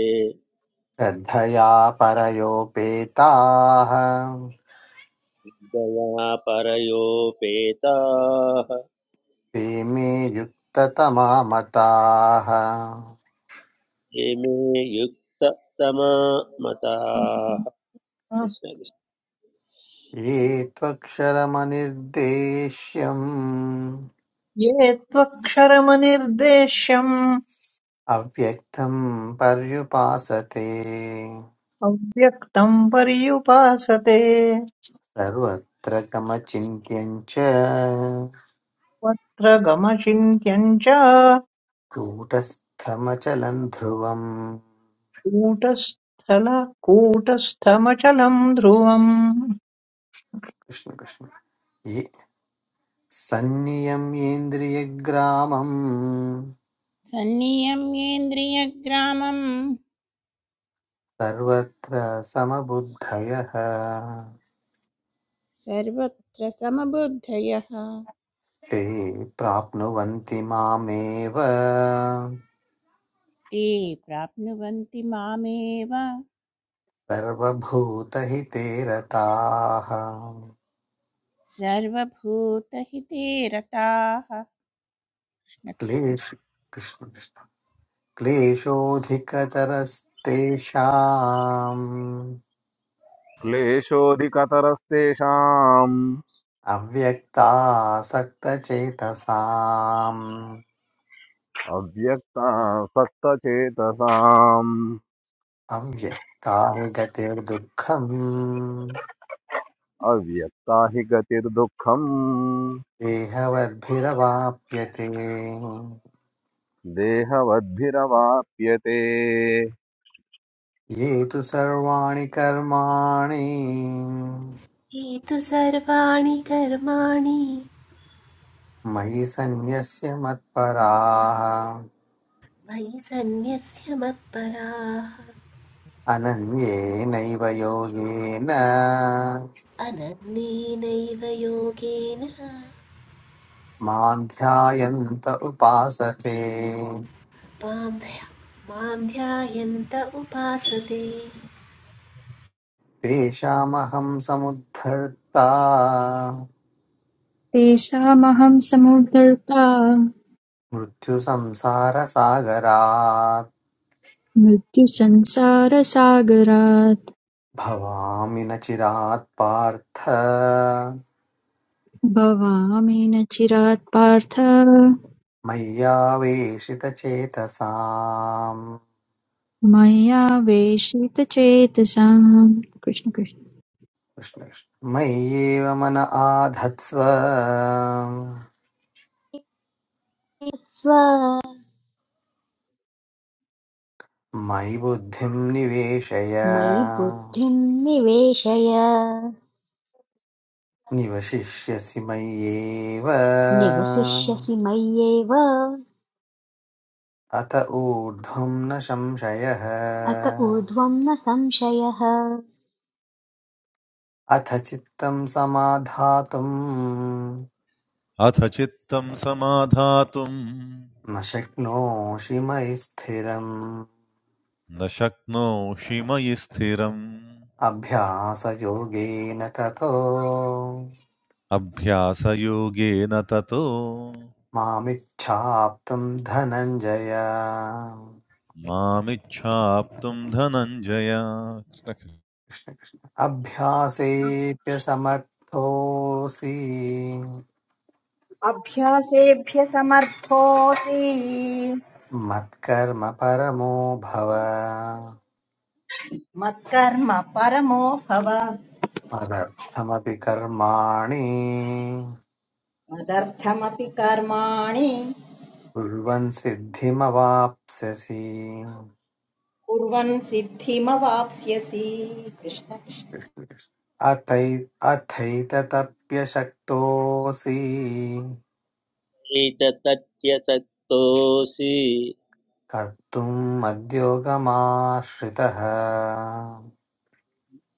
S2: श्रद्धया परयोपेताः
S6: दया परयोपेताः
S2: ते मे युक्ततमा मताः
S6: ये मे युक्ततमा
S7: कृष्ण।
S6: मताः कृष्ण कृष्ण।
S2: ये त्वक्षरमनिर्देश्यम्
S7: ये त्वक्षरमनिर्देश्यम्
S2: अव्यक्तं पर्युपासते
S7: अव्यक्तं पर्युपासते
S2: सर्वत्र गमचिन्त्यम् च
S7: तत्र गमचिन्त्यं च
S2: कूटस्थमचलम् ध्रुवम्
S7: कूटस्थल कूटस्थमचलं ध्रुवम्
S2: कृष्ण कृष्ण ये सन्नियम्येन्द्रियग्रामम्
S8: सन्नियम्येन्द्रियग्रामं
S2: सर्वत्र समबुद्धयः
S8: सर्वत्र
S2: ते प्राप्नुवन्ति मामेव
S8: ते प्राप्नुवन्ति मामेव
S2: सर्वभूतहिते रताः
S8: सर्वभूतहिते रताः कृष्ण कृष्ण
S2: क्लेश कृष्ण कृष्ण। क्लेशोऽधिकतरस्तेषाम्
S9: क्लेशोऽधिकतरस्तेषाम्
S2: अव्यक्तासक्तचेतसाम्
S9: अव्यक्ता
S2: अव्यक्तानि गतिर्दुःखम्
S9: अव्यक्ता हि गतिर्दुःखम्
S2: देहवद्भिरवाप्यते
S9: देहवद्भिरवाप्यते
S2: ये तु सर्वाणि कर्माणि
S11: हे तु सर्वाणि कर्माणि
S2: मयि सन्न्यस्य मत्पराः
S11: वैसन्यस्य मत्पराः
S2: अनन्येनैव योगेन
S11: अनन्येनैव योगेन
S2: मां ध्यायन्त उपासते
S11: मां ध्यायन्त उपासते
S2: तेषामहं समुद्धर्ता
S10: तेषामहं समुद्धर्ता
S2: मृत्युसंसारसागरात्
S10: मृत्युसंसारसागरात्
S2: भवामि न चिरात् पार्थ
S10: भवामि न चिरात् पार्थ
S2: मय्यावेशितचेतसाम्
S10: मया वेशितचेतसाम् कृष्ण कृष्ण
S2: कृष्ण कृष्ण। मय्येव मन आधत्स्व
S3: स्व
S2: मयि बुद्धिं निवेशय
S3: मयि बुद्धिं निवेशय
S2: निवशिष्यसि मय्येव
S3: निवसिष्यसि मय्येव
S2: अत ऊर्ध्वं न संशयः
S3: अत ऊर्ध्वं न संशयः
S2: अथ चित्तं समाधातुं
S4: अथ चित्तं समाधातुं न
S2: न शक्नोषि मयि स्थिरम्
S4: शक्नोषि मयि स्थिरम्
S2: अभ्यासयोगेन ततो
S4: अभ्यासयोगेन ततो
S2: मामिच्छाप्तुम् धनञ्जय
S4: मामिच्छाप्तुम् धनञ्जय कृष्ण कृष्ण।
S2: कृष्ण कृष्ण अभ्यासेऽप्यसमर्थोऽसि
S1: अभ्यासेभ्य समर्थोऽसि
S2: मत्कर्म परमो भव
S1: मत्कर्म परमो भव
S2: मदर्थमपि कर्माणि
S1: मदर्थमपि कर्माणि
S2: कुर्वन् सिद्धिमवाप्स्यसि
S1: कुर्वन् सिद्धिमवाप्स्यसि कृष्ण कृष्ण
S2: कृष्ण कृष्ण अथै अथैतदप्यशक्तोऽसि
S6: एतदत्यसक्तोऽसि
S2: कर्तुम् मद्योगमाश्रितः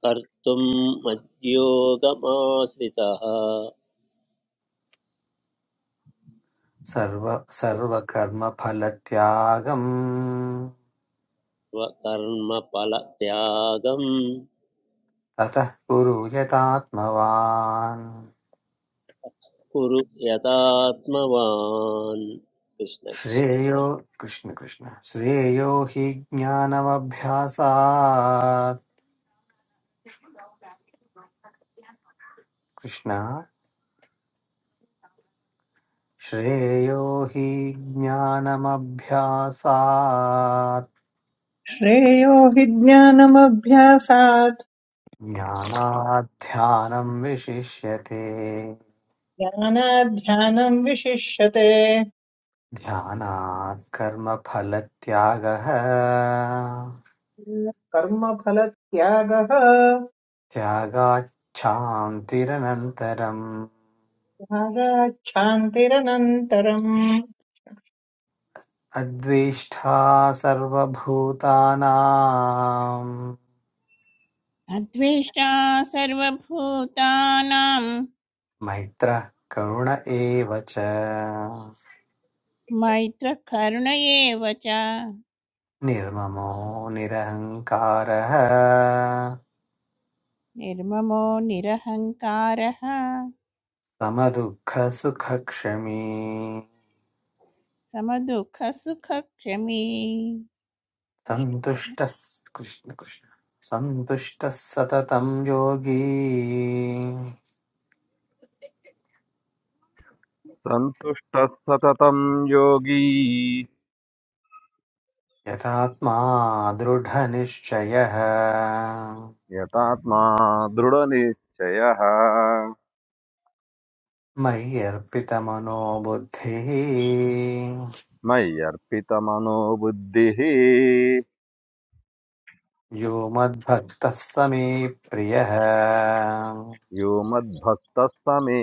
S6: कर्तुम् मद्योगमाश्रितः
S2: सर्व सर्वकर्मफलत्यागम्
S6: स्वकर्मफलत्यागं
S2: ततः कुरु यतात्मवान्
S6: कुरु यथात्मवान् कृष्ण कृष्ण
S2: श्रेयो कृष्ण कृष्ण श्रेयो हि ज्ञानमभ्यासात् कृष्ण श्रेयो हि ज्ञानमभ्यासात्
S7: श्रेयो हि ज्ञानमभ्यासात्
S2: ज्ञानात् ध्यानं विशिष्यते
S7: ज्ञानाध्यानम् विशिष्यते
S2: ध्यानात् कर्मफलत्यागः
S7: कर्मफलत्यागः
S2: त्यागाच्छान्तिरनन्तरम्
S7: त्यागाच्छान्तिरनन्तरम्
S2: अद्वेष्टा सर्वभूतानां
S8: अद्वेष्टा सर्वभूतानां
S2: मैत्रः करुण एव च
S8: मैत्रकरुण एव च
S2: निर्ममो निरहङ्कारः
S8: निर्ममो निरहङ्कारः
S2: समदुःखसुखक्षमी
S8: समदुःखसुखक्षमी कृष्ण कृष्ण
S2: सन्तुष्टः कृष्णकृष्ण सन्तुष्टः सततं योगी
S9: सन्तुष्टः सततं योगी
S2: यथात्मा दृढनिश्चयः
S9: यतात्मा दृढनिश्चयः
S2: मयि अर्पितमनो बुद्धिः
S9: मय्यर्पितमनो बुद्धिः
S2: यो मद्भक्तः स मे प्रियः
S9: यो मद्भक्तः स मे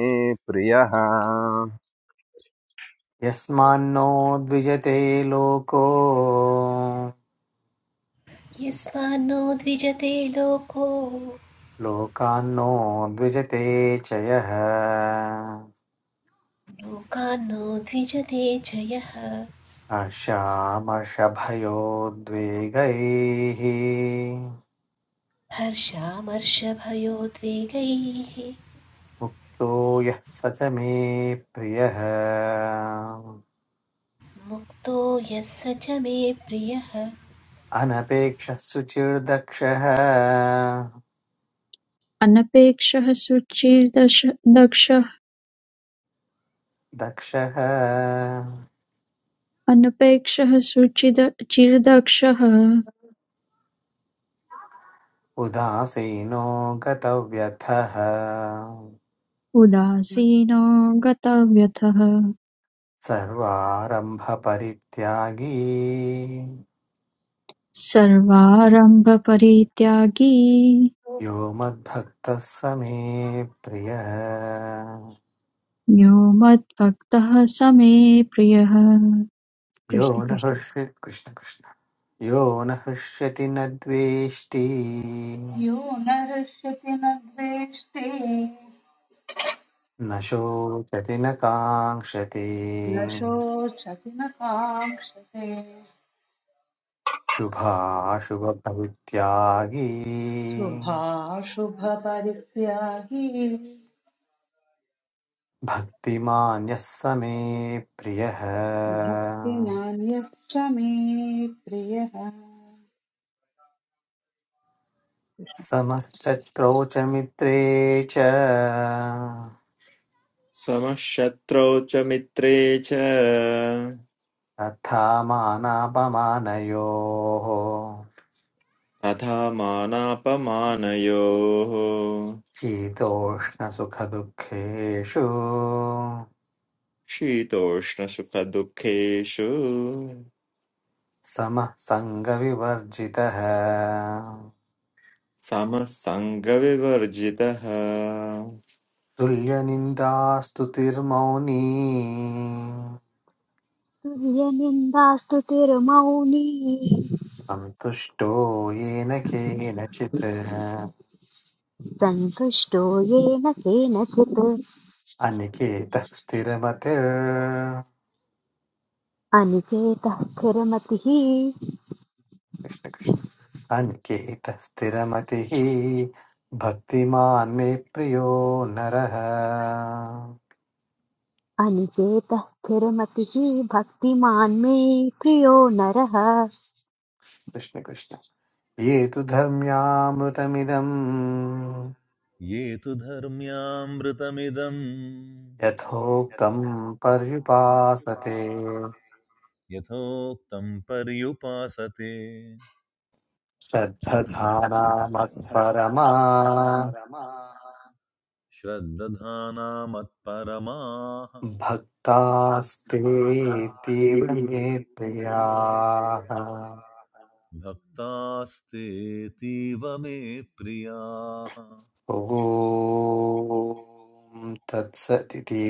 S9: प्रियः
S2: यस्मान्नो द्विजते लोको
S11: यस्मान्नो द्विजते लोको
S2: लोकान्नो द्विजते च यः
S11: लोकान्नो द्विजते च यः
S2: हर्षामर्षभयोद्वेगैः
S11: हर्षामर्षभयोद्वेगैः
S2: मुक्तो यः स च मे प्रियः
S11: मुक्तो यः स च मे प्रियः
S2: अनपेक्षः सुचिर्दक्षः
S10: अनपेक्षः सुचिर्दश दक्षः
S2: दक्षः
S10: अनपेक्षः सुचिद चिर्दक्षः
S2: उदासीनो गतव्यथः
S10: उदासीनो गतव्यथः
S2: सर्वारम्भपरित्यागी
S10: सर्वारम्भपरित्यागी
S2: यो मद्भक्तः स मे प्रियः
S10: यो मद्भक्तः स मे प्रियः
S2: यो
S10: कृष्ण
S2: न
S10: कृष्ण
S2: हृष्य कृष्ण कृष्ण यो न हृष्यति न द्वेष्टि
S12: You narschete nadvichte,
S2: न शोचति न काङ्क्षति
S12: lacho chet nakhachte.
S2: शुभाशुभपरित्यागी
S12: Subha subha parikya hi
S2: भक्तिमान्यः स मे प्रियः
S12: bhaktinani sami priya.
S2: समः शत्रौ च मित्रे च
S13: समः शत्रौ च मित्रे च
S2: तथा मानापमानयोः
S13: तथा मानापमानयोः
S2: शीतोष्णसुखदुःखेषु
S13: शीतोष्णसुखदुःखेषु
S2: समः सङ्गविवर्जितः
S13: समः सङ्गविवर्जितः
S2: तुल्यनिन्दास्तुतिर्मौनी
S3: तुल्यनिन्दास्तु तिरुमौनी
S2: सन्तुष्टो येन केनचित्
S3: सन्तुष्टो येन केनचित्
S2: अनिकेतः स्थिरमतिर्
S3: अनिकेतः स्थिरमतिः
S2: कृष्ण कृष्ण अनिकेतः स्थिरमतिः भक्तिमान् मे प्रियो नरः
S3: अनिकेतः स्थिरमतिः भक्तिमान् मे प्रियो नरः
S2: कृष्ण कृष्ण ये तु धर्म्यामृतमिदम्
S4: ये तु धर्म्यामृतमिदम्
S2: यथोक्तं पर्युपासते
S4: यथोक्तम् पर्युपासते
S2: श्रद्धधानामत्परमा
S4: श्रद्दधाना मत्परमाः
S2: भक्तास्ते तीव्र मे
S4: भक्तास्तेऽतीव मे प्रियाः
S2: ॐ तत्सदिति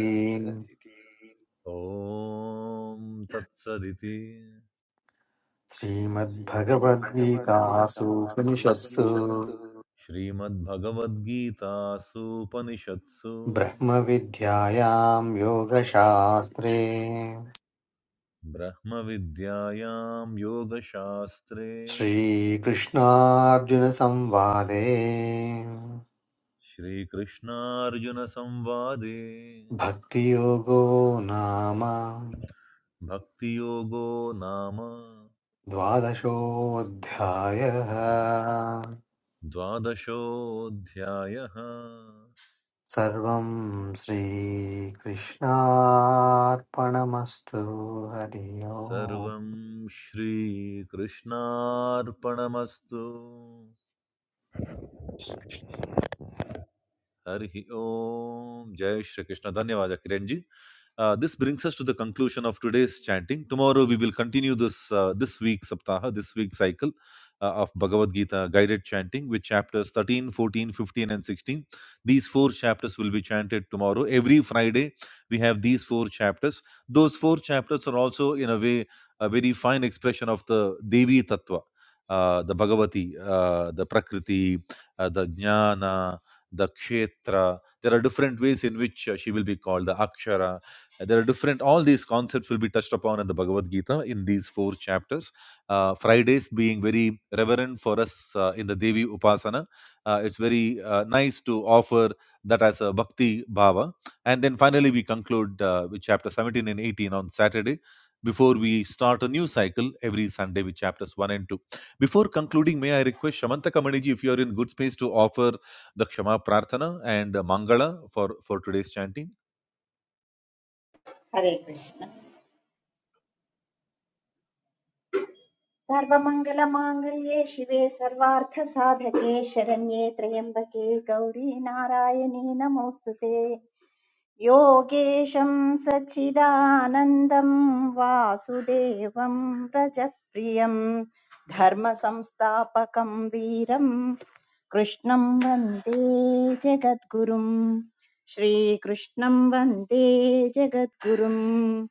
S4: ॐ तत्सदिति
S2: श्रीमद्भगवद्गीतासूपनिषत्सु
S4: श्रीमद्भगवद्गीतासूपनिषत्सु
S2: ब्रह्मविद्यायां योगशास्त्रे
S4: ब्रह्मविद्यायां योगशास्त्रे
S2: श्रीकृष्णार्जुनसंवादे
S4: Shri Krishna Arjuna Samvade
S2: भक्तियोगो नाम
S4: Bhaktiyogo nama
S2: द्वादशोऽध्यायः
S4: dvadasho dhyaaha
S2: सर्वं श्रीकृष्णार्पणमस्तु हरि ओम्
S4: sarvam Shri Krishna Arpanastu. Harihi Om. Jai Shri Krishna. Dhanyavaja, Kiran ji. Uh, this brings us to the conclusion of today's chanting. Tomorrow we will continue this uh, this week's saptaha, this week's cycle uh, of Bhagavad Gita guided chanting with chapters 13, 14, 15, and 16. These four chapters will be chanted tomorrow. Every Friday we have these four chapters. Those four chapters are also, in a way, a very fine expression of the Devi Tattva, uh, the Bhagavati, uh, the Prakriti, uh, the Jnana the kshetra. There are different ways in which uh, she will be called, the akshara. There are different, all these concepts will be touched upon in the Bhagavad Gita in these four chapters. Uh, Fridays being very reverent for us uh, in the Devi Upasana. Uh, it's very uh, nice to offer that as a bhakti bhava. And then finally, we conclude uh, with chapter 17 and 18 on Saturday before we start a new cycle every Sunday with chapters 1 and 2. Before concluding, may I request Shamanta Kamaniji if you are in good space to offer the Kshama Prarthana and Mangala for, for today's chanting.
S1: हरे कृष्ण सर्वमङ्गलमाङ्गल्ये शिवे सर्वार्थसाधके शरण्ये त्र्यम्बके गौरी नारायणी नमोऽस्तु ते योगेशं सच्चिदानन्दं वासुदेवं रजप्रियं धर्मसंस्थापकं वीरं कृष्णं वन्दे जगद्गुरुं श्रीकृष्णं वन्दे जगद्गुरुम्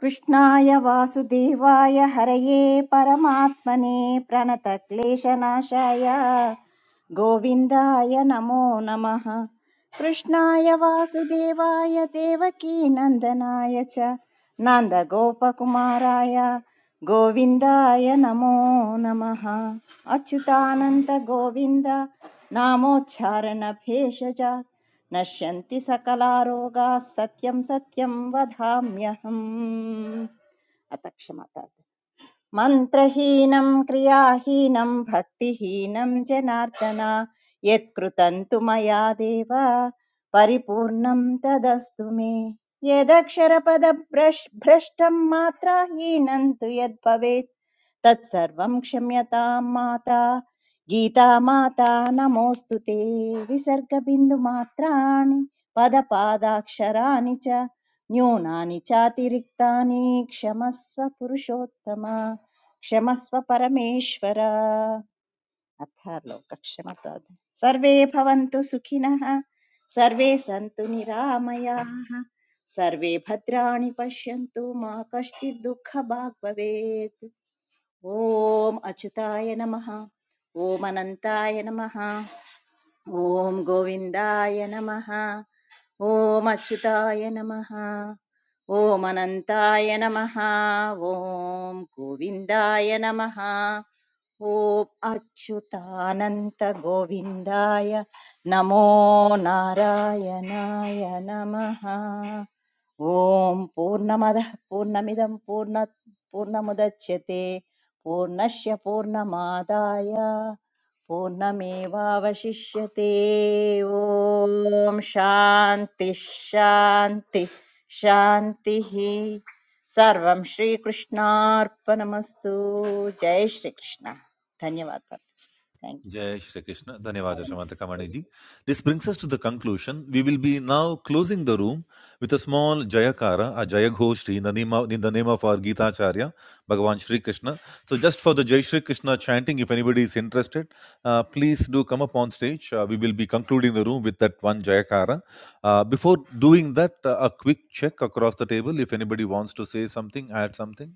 S1: कृष्णाय वासुदेवाय हरये परमात्मने प्रणतक्लेशनाशाय गोविन्दाय नमो नमः कृष्णाय वासुदेवाय देवकीनन्दनाय च नन्दगोपकुमाराय गोविन्दाय नमो नमः अच्युतानन्त गोविन्द नामोच्चारणभेषज नश्यन्ति सकलारोगाः सत्यं सत्यं वदाम्यहम् अथ क्षमता मन्त्रहीनं क्रियाहीनं भक्तिहीनं जनार्दन यत्कृतं तु मया देव परिपूर्णं तदस्तु मे यदक्षरपदभ्रष् भ्रष्टं मात्राहीनं तु यद्भवेत् तत्सर्वं क्षम्यतां माता गीता माता नमोऽस्तु ते विसर्गबिन्दुमात्राणि पदपादाक्षराणि च न्यूनानि चातिरिक्तानि क्षमस्व पुरुषोत्तम क्षमस्व परमेश्वर अथ सर्वे भवन्तु सुखिनः सर्वे सन्तु निरामयाः सर्वे भद्राणि पश्यन्तु मा कश्चित् दुःखभाग् भवेत् ॐ अच्युताय नमः ॐ अनन्ताय नमः ॐ गोविन्दाय नमः ॐ अच्युताय नमः ॐ अनन्ताय नमः ॐ गोविन्दाय नमः ॐ अच्युतानन्तगोविन्दाय नमो नारायणाय नमः ॐ पूर्णमदः पूर्णमिदं पूर्ण पूर्णमुदच्यते पूर्णस्य पूर्णमादाय पूर्णमेवावशिष्यते ॐ शान्ति शान्ति शान्तिः सर्वं श्रीकृष्णार्पणमस्तु जय श्रीकृष्ण धन्यवादः thank
S4: Jai Shri Krishna. Dhanyavada
S1: you
S4: Shamanta Kamaniji. This brings us to the conclusion. We will be now closing the room with a small Jayakara, a Jayaghoshri in the name of, in the name of our Gita Acharya, Bhagavan Shri Krishna. So just for the Jai Shri Krishna chanting, if anybody is interested, uh, please do come up on stage. Uh, we will be concluding the room with that one Jayakara. Uh, before doing that, uh, a quick check across the table if anybody wants to say something, add something.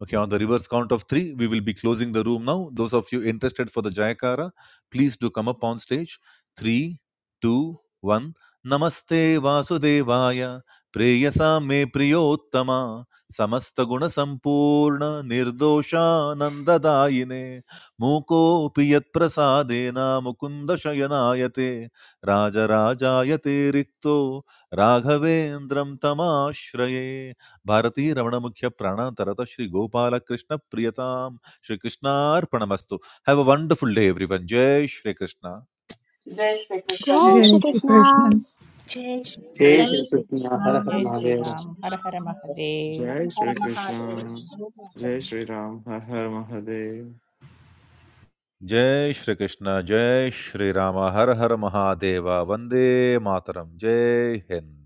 S4: Okay, on the reverse count of three, we will be closing the room now. Those of you interested for the Jayakara, please do come up on stage. Three, two, one. Namaste Vasudevaya, Preyasa me Priyottama, Samasta Guna Sampurna, Nirdosha Nandadayine, Muko Piyat Prasadena, Mukunda Shayanayate, Raja Rajayate Rikto, Raghavendram Tamashraye. भारती रवनमुख्य प्राणां तरता श्रीगोपाल और कृष्ण प्रियतम श्रीकृष्णार प्रणमस्तु Have a wonderful day, everyone. Jay Shri Krishna,
S12: Jai Shri Krishna
S3: जय
S12: Jai
S10: जय
S12: Shri.
S10: Shri Krishna
S3: Shri Krishna
S11: जय
S6: जय
S2: जय
S1: जय
S8: जय
S2: श्री
S6: श्री
S8: श्री
S2: कृष्ण
S1: श्रीकृष्ण
S2: हर
S8: कृष्ण
S2: हर
S8: जय
S1: जय
S8: श्री राम हर हर
S1: श्रीकृष्ण
S8: महादेव
S13: जय
S1: हर
S13: श्रीकृष्ण
S1: महादेव
S13: जय श्रीराम हर हर Mahadev
S4: Jay Shri Krishna, Jay Shri Rama, Har Har Mahadeva, Vande Matram, Jay Hind.